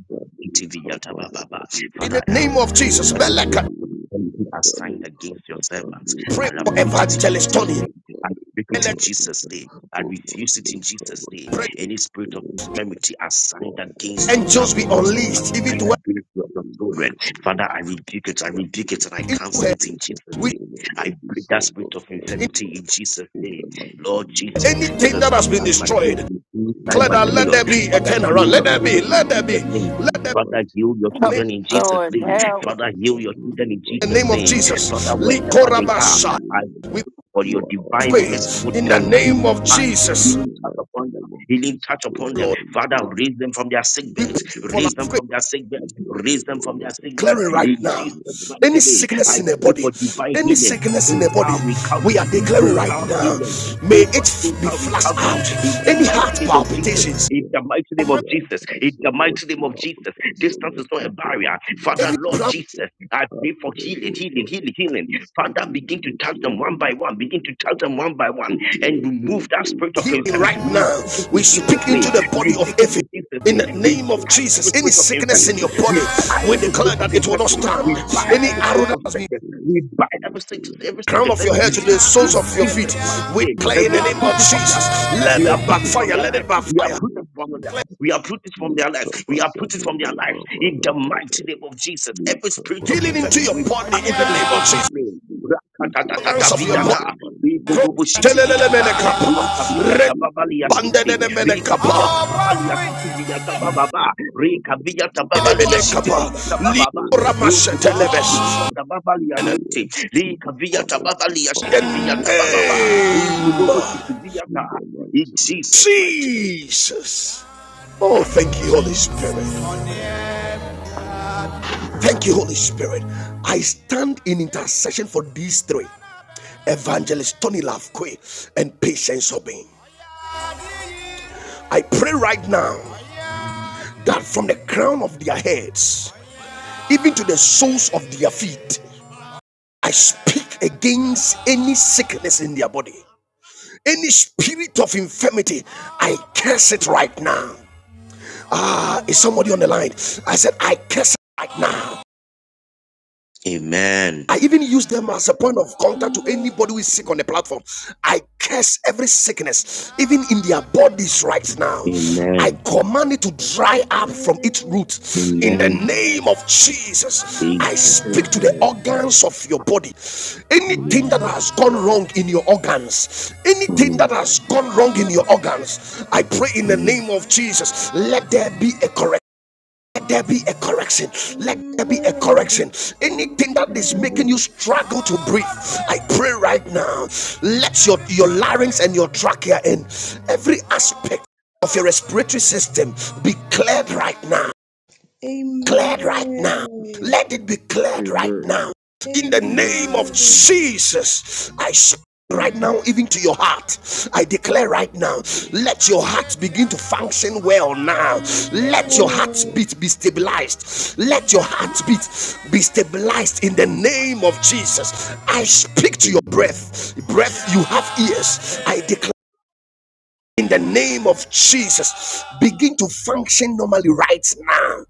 Speaker 5: Rabba Sunday,
Speaker 2: Sinti Viata
Speaker 5: Rabba
Speaker 2: Baba.
Speaker 1: in
Speaker 5: Sunday,
Speaker 1: the
Speaker 2: Father, I
Speaker 1: name of
Speaker 2: uproot
Speaker 1: Jesus,
Speaker 2: every spirit
Speaker 1: Meleka,
Speaker 2: of infirmity assigned against your servants.
Speaker 1: pray
Speaker 2: I'll
Speaker 1: for
Speaker 2: uproot it in
Speaker 1: evangelist
Speaker 2: Jesus'
Speaker 1: Tony.
Speaker 2: name. I break it
Speaker 1: Meleka,
Speaker 2: in Jesus' name. I refuse it in Jesus' name.
Speaker 1: pray.
Speaker 2: Any spirit of infirmity assigned against your
Speaker 1: Angels
Speaker 2: loved
Speaker 1: be
Speaker 5: So
Speaker 2: ones,
Speaker 5: Lord,
Speaker 1: unleashed, even to
Speaker 2: assigned
Speaker 1: work
Speaker 5: we
Speaker 2: against your,
Speaker 5: pray
Speaker 2: your
Speaker 5: in the
Speaker 2: children,
Speaker 5: mighty name of
Speaker 2: Father, I
Speaker 5: Jesus,
Speaker 2: rebuke it. I
Speaker 5: that
Speaker 2: rebuke it and
Speaker 5: healings,
Speaker 2: I
Speaker 1: into
Speaker 5: your hand,
Speaker 2: cancel
Speaker 1: her.
Speaker 2: it in
Speaker 5: grace of
Speaker 2: Jesus' name.
Speaker 5: healing, O Lord,
Speaker 2: I break that
Speaker 5: descend on
Speaker 2: spirit of
Speaker 5: them, O Lord.
Speaker 2: infirmity in Jesus'
Speaker 5: In the
Speaker 2: name.
Speaker 5: mighty
Speaker 2: Lord
Speaker 5: name of
Speaker 2: Jesus,
Speaker 1: anything
Speaker 5: Jesus,
Speaker 2: Jesus,
Speaker 1: that has
Speaker 2: have
Speaker 1: been
Speaker 5: let
Speaker 2: blind
Speaker 5: the
Speaker 1: destroyed,
Speaker 2: Bartimaeus,
Speaker 5: spirit
Speaker 2: you
Speaker 5: of
Speaker 2: heal blind
Speaker 1: Declare let
Speaker 5: infirmity
Speaker 2: Bartimaeus.
Speaker 1: there be a
Speaker 2: Father,
Speaker 5: forever,
Speaker 1: turnaround.
Speaker 2: heal
Speaker 1: Let
Speaker 2: your
Speaker 1: there be,
Speaker 2: children
Speaker 5: forever be
Speaker 2: in
Speaker 1: let there be,
Speaker 2: Jesus'
Speaker 5: rebuked
Speaker 2: name.
Speaker 5: in
Speaker 1: let
Speaker 5: the
Speaker 1: there
Speaker 2: Father,
Speaker 5: mighty
Speaker 2: heal
Speaker 5: name
Speaker 2: your
Speaker 5: of
Speaker 1: be in the
Speaker 7: Help,
Speaker 1: name,
Speaker 2: children in
Speaker 5: Jesus.
Speaker 2: Jesus'
Speaker 7: Lord,
Speaker 2: name.
Speaker 5: Wake
Speaker 7: help.
Speaker 5: up
Speaker 2: Father,
Speaker 5: us
Speaker 2: heal
Speaker 5: and
Speaker 2: your children
Speaker 5: deliver
Speaker 2: in Jesus'
Speaker 1: of
Speaker 2: name.
Speaker 5: remember,
Speaker 1: Jesus.
Speaker 2: Father,
Speaker 5: you are
Speaker 2: wherever
Speaker 5: our
Speaker 2: they are,
Speaker 5: strength,
Speaker 1: Likorabasha.
Speaker 5: O
Speaker 2: I
Speaker 1: We
Speaker 5: Lord.
Speaker 2: for
Speaker 5: You
Speaker 2: your
Speaker 5: are our
Speaker 2: divine
Speaker 1: pray
Speaker 5: Father, O
Speaker 2: merciful
Speaker 1: in
Speaker 5: Lord.
Speaker 1: the
Speaker 2: touch,
Speaker 1: name
Speaker 2: healing
Speaker 1: of
Speaker 5: We
Speaker 2: touch,
Speaker 5: pray
Speaker 1: Jesus,
Speaker 5: in
Speaker 2: healing
Speaker 5: the
Speaker 2: touch
Speaker 5: mighty
Speaker 2: upon them,
Speaker 5: name of
Speaker 2: healing touch
Speaker 5: Jesus, O
Speaker 2: upon
Speaker 5: Lord,
Speaker 2: them.
Speaker 1: Lord.
Speaker 5: that you
Speaker 2: Father,
Speaker 5: heal them.
Speaker 2: raise them from their sick
Speaker 5: In
Speaker 1: We
Speaker 5: your
Speaker 1: pray
Speaker 2: beds.
Speaker 5: body,
Speaker 1: for our
Speaker 2: Raise them from their sick beds. Raise them from their sick beds.
Speaker 1: Declaring right
Speaker 2: In
Speaker 1: now,
Speaker 2: Jesus' mighty
Speaker 1: any
Speaker 2: name,
Speaker 1: sickness
Speaker 2: I
Speaker 1: in the
Speaker 2: pray
Speaker 1: body,
Speaker 2: for divine
Speaker 1: any
Speaker 2: healing,
Speaker 1: sickness in the body,
Speaker 2: total
Speaker 1: we are
Speaker 2: recovery,
Speaker 1: declaring right
Speaker 2: total
Speaker 1: now.
Speaker 2: healing,
Speaker 1: May
Speaker 2: cova-
Speaker 1: it be
Speaker 2: total
Speaker 1: flushed
Speaker 5: you will
Speaker 2: recovery. In
Speaker 1: out.
Speaker 5: not
Speaker 2: the
Speaker 1: Any
Speaker 2: mighty
Speaker 5: affect
Speaker 1: heart
Speaker 2: name
Speaker 5: your
Speaker 2: of Jesus.
Speaker 5: mind,
Speaker 1: palpitations,
Speaker 5: your
Speaker 2: In the mighty name of
Speaker 5: their
Speaker 2: Jesus.
Speaker 5: hearts,
Speaker 2: In
Speaker 5: O
Speaker 2: the
Speaker 5: Lord,
Speaker 2: mighty name
Speaker 5: their
Speaker 2: of Jesus.
Speaker 5: organs, O
Speaker 2: Distance
Speaker 5: Lord,
Speaker 2: is not a
Speaker 5: in the
Speaker 2: barrier.
Speaker 5: mighty name of
Speaker 2: Father, Lord
Speaker 1: any.
Speaker 5: Jesus.
Speaker 2: Jesus, I
Speaker 5: I
Speaker 2: pray for
Speaker 5: pray,
Speaker 2: healing,
Speaker 5: O
Speaker 2: healing,
Speaker 5: Lord,
Speaker 2: healing, healing.
Speaker 5: we stand
Speaker 2: Father,
Speaker 5: in
Speaker 2: begin to
Speaker 5: unity,
Speaker 2: touch
Speaker 5: O
Speaker 2: them
Speaker 5: Lord,
Speaker 2: one
Speaker 5: we
Speaker 2: by one.
Speaker 5: pray,
Speaker 2: Begin to
Speaker 5: O
Speaker 2: touch them
Speaker 5: Lord,
Speaker 2: one by
Speaker 5: for
Speaker 2: one
Speaker 5: we
Speaker 2: and
Speaker 5: are to
Speaker 2: remove that
Speaker 5: those
Speaker 2: spirit
Speaker 5: who
Speaker 2: of
Speaker 5: want
Speaker 1: healing right
Speaker 2: infirmity. We
Speaker 5: counsel.
Speaker 2: rebuke
Speaker 1: now.
Speaker 2: it
Speaker 1: We
Speaker 5: When
Speaker 2: in
Speaker 5: they
Speaker 1: speak
Speaker 2: Jesus' name
Speaker 1: into the
Speaker 5: O
Speaker 1: body
Speaker 2: Rebuke
Speaker 1: of
Speaker 5: Lord,
Speaker 2: it
Speaker 1: Ephraim.
Speaker 2: in
Speaker 5: let the
Speaker 2: Jesus'
Speaker 1: In
Speaker 2: name.
Speaker 1: the
Speaker 5: spirit of
Speaker 2: We
Speaker 1: name of
Speaker 2: bind every
Speaker 1: Jesus,
Speaker 5: injustice,
Speaker 1: any
Speaker 2: spirit of
Speaker 5: O
Speaker 1: sickness in your
Speaker 2: infirmity.
Speaker 1: body,
Speaker 2: We
Speaker 5: Lord,
Speaker 2: bind
Speaker 1: we
Speaker 5: for
Speaker 2: every
Speaker 5: we
Speaker 2: spirit
Speaker 1: declare
Speaker 2: of
Speaker 1: that
Speaker 5: will
Speaker 1: it
Speaker 5: be
Speaker 1: will not
Speaker 2: infirmity.
Speaker 5: born
Speaker 1: stand.
Speaker 2: We
Speaker 5: in the
Speaker 2: bind
Speaker 1: Any
Speaker 2: every
Speaker 5: name of
Speaker 1: arrow
Speaker 2: spirit
Speaker 1: that
Speaker 2: of
Speaker 1: has been
Speaker 5: Jesus,
Speaker 2: sickness.
Speaker 5: O the
Speaker 2: We bind every
Speaker 5: sickness, O
Speaker 2: sickness,
Speaker 5: Lord, in
Speaker 2: every
Speaker 5: their
Speaker 1: crown
Speaker 2: sickness,
Speaker 1: of your
Speaker 2: every
Speaker 5: body,
Speaker 1: head
Speaker 5: O
Speaker 1: to the
Speaker 5: Lord,
Speaker 2: disease
Speaker 5: we
Speaker 1: soles
Speaker 2: in
Speaker 1: of
Speaker 5: will
Speaker 1: your
Speaker 5: make
Speaker 2: Jesus'
Speaker 1: feet,
Speaker 5: them,
Speaker 2: mighty
Speaker 1: we
Speaker 2: name.
Speaker 5: O
Speaker 1: declare
Speaker 2: And
Speaker 1: in
Speaker 2: we
Speaker 1: the name
Speaker 5: Lord,
Speaker 1: of
Speaker 2: uproot
Speaker 5: and
Speaker 2: it
Speaker 5: we
Speaker 2: from their
Speaker 5: will
Speaker 1: Jesus,
Speaker 5: make
Speaker 2: life.
Speaker 5: them
Speaker 1: let
Speaker 2: We
Speaker 1: it
Speaker 2: uproot it
Speaker 5: in
Speaker 2: from
Speaker 5: the
Speaker 1: backfire,
Speaker 2: their
Speaker 1: let
Speaker 2: life.
Speaker 1: it
Speaker 5: mighty
Speaker 2: We
Speaker 1: backfire.
Speaker 5: name
Speaker 2: uproot it
Speaker 5: of
Speaker 2: from their life.
Speaker 5: Jesus.
Speaker 2: We uproot it from their life. We
Speaker 5: Nikabasa
Speaker 2: uproot it from their life.
Speaker 5: Baba
Speaker 2: In the
Speaker 5: Baba
Speaker 2: mighty name of Jesus,
Speaker 5: we
Speaker 2: every
Speaker 5: come up
Speaker 2: spirit of
Speaker 1: Healing
Speaker 5: over
Speaker 1: into
Speaker 2: infirmity,
Speaker 1: your
Speaker 2: we
Speaker 5: every
Speaker 1: body in the
Speaker 2: bind you with
Speaker 5: wicked
Speaker 1: name of
Speaker 2: Jesus'
Speaker 1: Jesus,
Speaker 5: sickness
Speaker 2: name.
Speaker 5: be uprooted uh,
Speaker 1: organs of your body.
Speaker 5: in
Speaker 2: Rakatatataviata.
Speaker 5: the mighty name of Jesus.
Speaker 2: Ikoboboshitiviata.
Speaker 5: Amen.
Speaker 2: Rika
Speaker 5: Be
Speaker 2: via
Speaker 5: uprooted
Speaker 2: tababali ya
Speaker 5: Lord,
Speaker 2: siti.
Speaker 5: in the
Speaker 2: Rika
Speaker 5: mighty
Speaker 2: via
Speaker 5: name of
Speaker 2: tababali ya
Speaker 5: Jesus.
Speaker 2: siti via
Speaker 5: We
Speaker 2: tabababa.
Speaker 5: come up over
Speaker 2: Rika via tababali ya siti
Speaker 5: every
Speaker 2: via
Speaker 5: crazy
Speaker 2: tabababa.
Speaker 5: failure that
Speaker 2: Ruku
Speaker 5: we
Speaker 2: bubu
Speaker 5: are
Speaker 2: siti
Speaker 5: seeing.
Speaker 2: via
Speaker 5: We
Speaker 2: tababali ya
Speaker 5: do,
Speaker 2: siti.
Speaker 5: we
Speaker 2: Rika via
Speaker 5: disconnect
Speaker 2: tababali
Speaker 5: his
Speaker 2: ya
Speaker 1: In
Speaker 5: power
Speaker 2: siti
Speaker 5: in
Speaker 2: via
Speaker 1: the
Speaker 5: the
Speaker 2: tabababa.
Speaker 5: mighty name of
Speaker 2: Riku bubu
Speaker 5: Jesus.
Speaker 1: name.
Speaker 2: siti via
Speaker 5: In
Speaker 2: ta.
Speaker 5: the
Speaker 2: In
Speaker 5: mighty name of
Speaker 2: Jesus mighty
Speaker 5: Jesus.
Speaker 2: name.
Speaker 1: Jesus. Oh, thank you, Holy Spirit. Thank you, Holy Spirit. I stand in intercession for these three Evangelist Tony Lafque and Patience Obin. I pray right now that from the crown of their heads, even to the soles of their feet, I speak against any sickness in their body, any spirit of infirmity. I curse it right now. Ah, is somebody on the line? I said, I curse it right now.
Speaker 2: Amen.
Speaker 1: I even use them as a point
Speaker 6: Amen.
Speaker 1: of contact
Speaker 6: Amen.
Speaker 1: to anybody who is sick on the platform. I curse every sickness, even in their bodies right now. I
Speaker 2: Amen.
Speaker 1: command it to dry up from
Speaker 6: Amen.
Speaker 1: its roots. In the
Speaker 2: Amen.
Speaker 1: name of Jesus, I
Speaker 2: Jesus.
Speaker 1: speak to the
Speaker 5: Amen.
Speaker 6: Amen.
Speaker 1: organs of your body. Anything that
Speaker 5: Yes,
Speaker 1: has gone
Speaker 5: Lord.
Speaker 1: wrong in your organs, anything that
Speaker 2: Mm,
Speaker 1: has
Speaker 5: Yes,
Speaker 1: gone wrong in
Speaker 5: Lord.
Speaker 1: your organs, I pray in the
Speaker 2: mm.
Speaker 1: name of Jesus, let there be a correction let there be a correction let there
Speaker 6: Amen.
Speaker 1: be a
Speaker 5: In,
Speaker 1: correction anything that
Speaker 5: in
Speaker 1: is
Speaker 5: the
Speaker 1: making
Speaker 5: name
Speaker 6: Amen.
Speaker 1: you
Speaker 5: of
Speaker 1: struggle to breathe i pray right now let your your larynx and your trachea and every aspect of your respiratory system be cleared right now Cleared right
Speaker 6: Amen.
Speaker 1: now.
Speaker 6: Amen.
Speaker 1: Let it be cleared right
Speaker 5: Amen.
Speaker 1: now. In the
Speaker 5: In the
Speaker 1: name of
Speaker 5: name of Jesus,
Speaker 1: Jesus, I speak right
Speaker 5: Lord.
Speaker 1: now, even to your heart. I declare right now, let your heart begin to function well now. Let your
Speaker 5: Yes, Lord.
Speaker 1: heartbeat be stabilized. Let your
Speaker 5: Yes,
Speaker 1: heartbeat
Speaker 5: Lord.
Speaker 1: be stabilized in the name of Jesus. I speak to your
Speaker 5: Amen.
Speaker 1: breath. Breath, you have ears. I declare in the name of Jesus. Begin to function normally right now.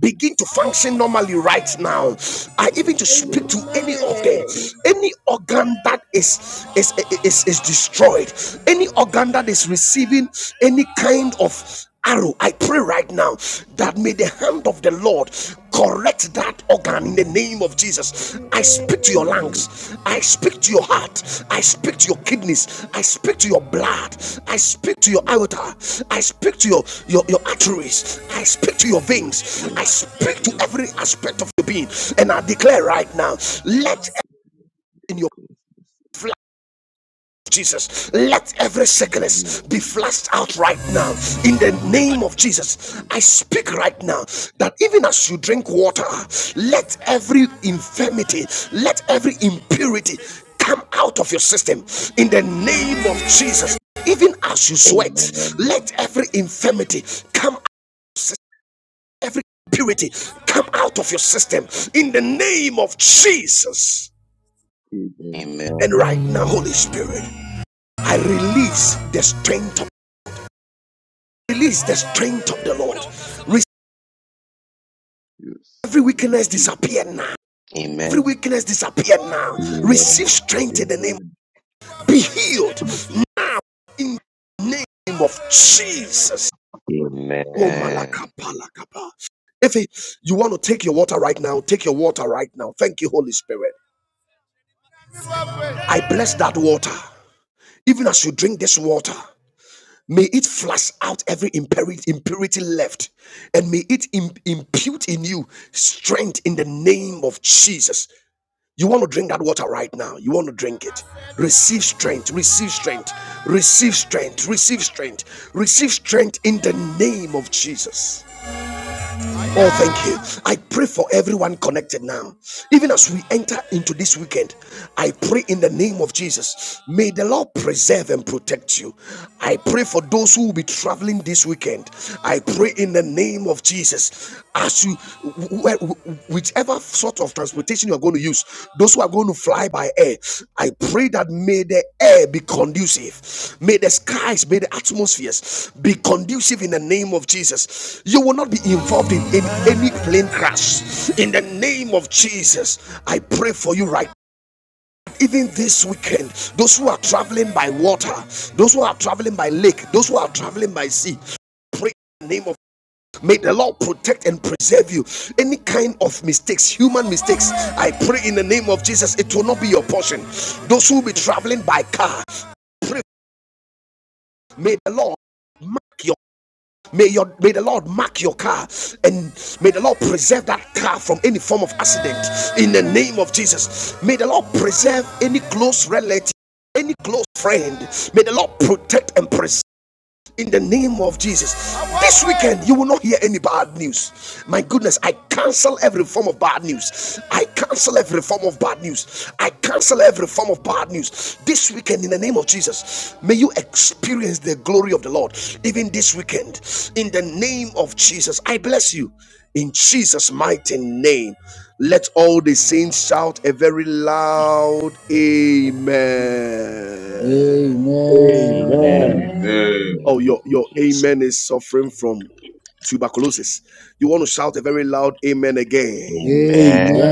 Speaker 1: Begin to function normally right now. I
Speaker 5: Yes,
Speaker 1: even to speak
Speaker 5: Lord.
Speaker 1: to any of them,
Speaker 6: Amen.
Speaker 1: any organ that is is is, is destroyed, any organ that is receiving any kind of arrow. I pray right now that may the hand of the Lord correct that organ in the name of Jesus. I speak to your
Speaker 5: Amen.
Speaker 1: lungs, I speak to your heart, I speak to your kidneys, I speak to your blood, I speak to your
Speaker 5: Yes,
Speaker 1: aorta, I speak to your, your, your
Speaker 5: Lord.
Speaker 1: arteries, I speak to your
Speaker 5: Yes,
Speaker 1: veins, I
Speaker 5: Lord.
Speaker 1: speak to
Speaker 5: Yes,
Speaker 1: every
Speaker 5: Lord.
Speaker 1: aspect of your being, and I declare right now, let in
Speaker 5: Your
Speaker 1: your
Speaker 5: conscience.
Speaker 1: flesh Jesus. Let every
Speaker 5: In the
Speaker 1: sickness
Speaker 5: name
Speaker 1: be flushed out right now in the name of Jesus. I
Speaker 5: of
Speaker 1: speak right now that even as you drink water, let every infirmity, let every impurity come out of your system in the name of Jesus. Even as you
Speaker 5: Jesus.
Speaker 1: sweat,
Speaker 2: Amen.
Speaker 1: let every infirmity come out, every impurity come out of your system in the name of Jesus.
Speaker 5: Amen.
Speaker 2: Amen.
Speaker 1: And right now, Holy Spirit, I release the strength of Release the strength
Speaker 5: Yes,
Speaker 1: of the
Speaker 5: Lord.
Speaker 1: Lord.
Speaker 5: Yes,
Speaker 1: every weakness
Speaker 5: receive.
Speaker 1: disappear now. Every
Speaker 2: Amen.
Speaker 1: weakness disappear now.
Speaker 2: Amen.
Speaker 1: Receive strength in the name.
Speaker 5: Amen.
Speaker 1: Be healed in the name of Jesus. Oh
Speaker 2: Amen.
Speaker 1: malakapalakapa. If you want to take your water right now, take your water right now. Thank you, Holy Spirit. I bless that water. Even as you drink this water, may it flush out every impurity left and may it impute in you strength in the name of Jesus. You want to drink that water right now. You want to drink it. Receive strength. Receive strength. Receive strength. Receive strength. Receive strength in the name of Jesus. Oh, thank you. I pray for everyone connected now. Even as we enter into this weekend, I pray in the name of Jesus. May the Lord preserve and protect you. I pray for those who will be traveling this weekend. I pray in the name of Jesus. As you, whichever sort of transportation you are going to use, those who are going to fly by air, I pray that may the air be conducive. May the skies, may the atmospheres be conducive in the name of Jesus. You will not be involved in any, any plane crash. In the name of Jesus, I pray for you right now. even this weekend, those who are traveling by water, those who are traveling by lake, those who are traveling by sea, pray in the name of. May the Lord protect and preserve you. Any kind of mistakes, human mistakes, I pray in the name of Jesus, it will not be your portion. Those who will be traveling by car, pray. May the Lord mark your may your may the Lord mark your car and may the Lord preserve that car from any form of accident in the name of Jesus. May the Lord preserve any close relative, any close friend. May the Lord protect and preserve in the name of Jesus. This weekend, you will not hear any bad news. My goodness, I cancel every form of bad news. I cancel every form of bad news. I cancel every form of bad news. This weekend, in the name of Jesus, may you experience the glory of the Lord. Even this weekend, in the name of Jesus, I bless you. In Jesus' mighty name, let all the saints shout a very loud Amen.
Speaker 4: Amen.
Speaker 3: Amen.
Speaker 8: Amen.
Speaker 5: Amen.
Speaker 2: Amen.
Speaker 1: Oh, your, your
Speaker 2: Jesus.
Speaker 1: amen is suffering from tuberculosis. You want to shout a very loud amen again.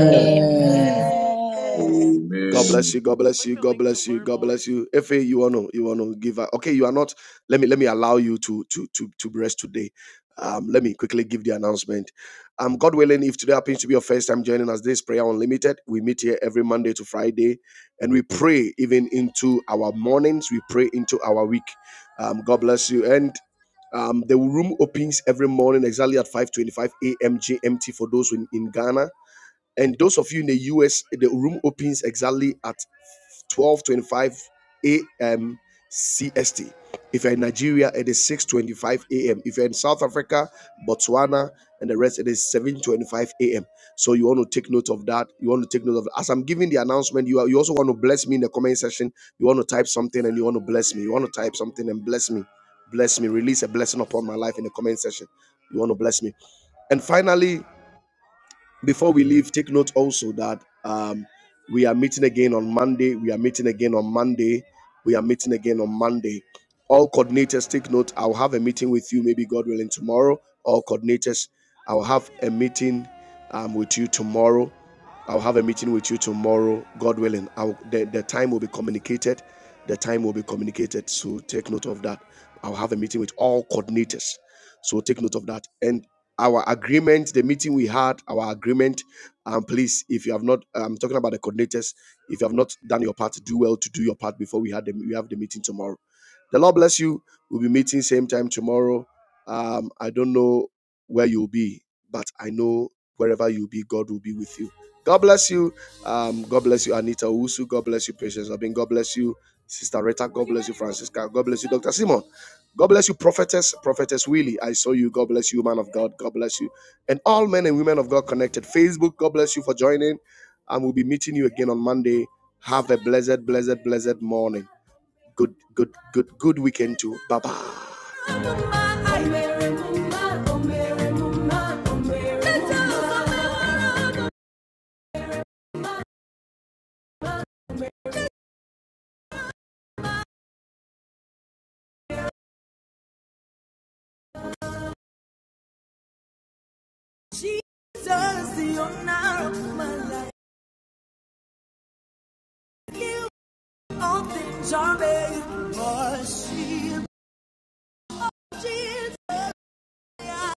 Speaker 6: Amen.
Speaker 9: Thank
Speaker 6: Amen. Amen.
Speaker 8: Amen.
Speaker 1: God
Speaker 5: Amen.
Speaker 1: bless you. God bless you. God bless you. God bless you. If you wanna you wanna give a, okay, you are not. Let me let me allow you to to to to rest today. Um, let me quickly give the announcement. Um, God willing, if today happens to be your first time joining us, this prayer unlimited. We meet here every Monday to Friday, and we pray even into our mornings. We pray into our week. Um, God bless you. And um, the room opens every morning exactly at 5:25 a.m. GMT for those in, in Ghana. And those of you in the US, the room opens exactly at 12:25 a.m. CST. If you're in Nigeria, it is 6:25 a.m. If you're in South Africa, Botswana, and the rest, it is 7:25 a.m. So you want to take note of that. You want to take note of as I'm giving the announcement. You are, you also want to bless me in the comment section. You want to type something and you want to bless me. You want to type something and bless me, bless me. Release a blessing upon my life in the comment section. You want to bless me. And finally, before we leave, take note also that um, we are meeting again on Monday. We are meeting again on Monday. We are meeting again on Monday. All coordinators, take note. I'll have a meeting with you, maybe God willing, tomorrow. All coordinators, I'll have a meeting um, with you tomorrow. I'll have a meeting with you tomorrow, God willing. I'll, the, the time will be communicated. The time will be communicated. So take note of that. I'll have a meeting with all coordinators. So take note of that. and our agreement, the meeting we had, our agreement. Um, please, if you have not, I'm talking about the coordinators. If you have not done your part, do well to do your part before we had the, we have the meeting tomorrow the Lord bless you. We'll be meeting same time tomorrow. Um, I don't know where you'll be, but I know wherever you'll be, God will be with you. God bless you. Um, God bless you, Anita Usu. God bless you, Patience Abin. God bless you, Sister Rita. God bless you, Francisca. God bless you, Dr. Simon. God bless you, prophetess, prophetess Willie. I saw you. God bless you, man of God. God bless you. And all men and women of God connected. Facebook, God bless you for joining. And we'll be meeting you again on Monday. Have a blessed, blessed, blessed morning. Good, good, good, good weekend too. Bye bye. Oh, yeah.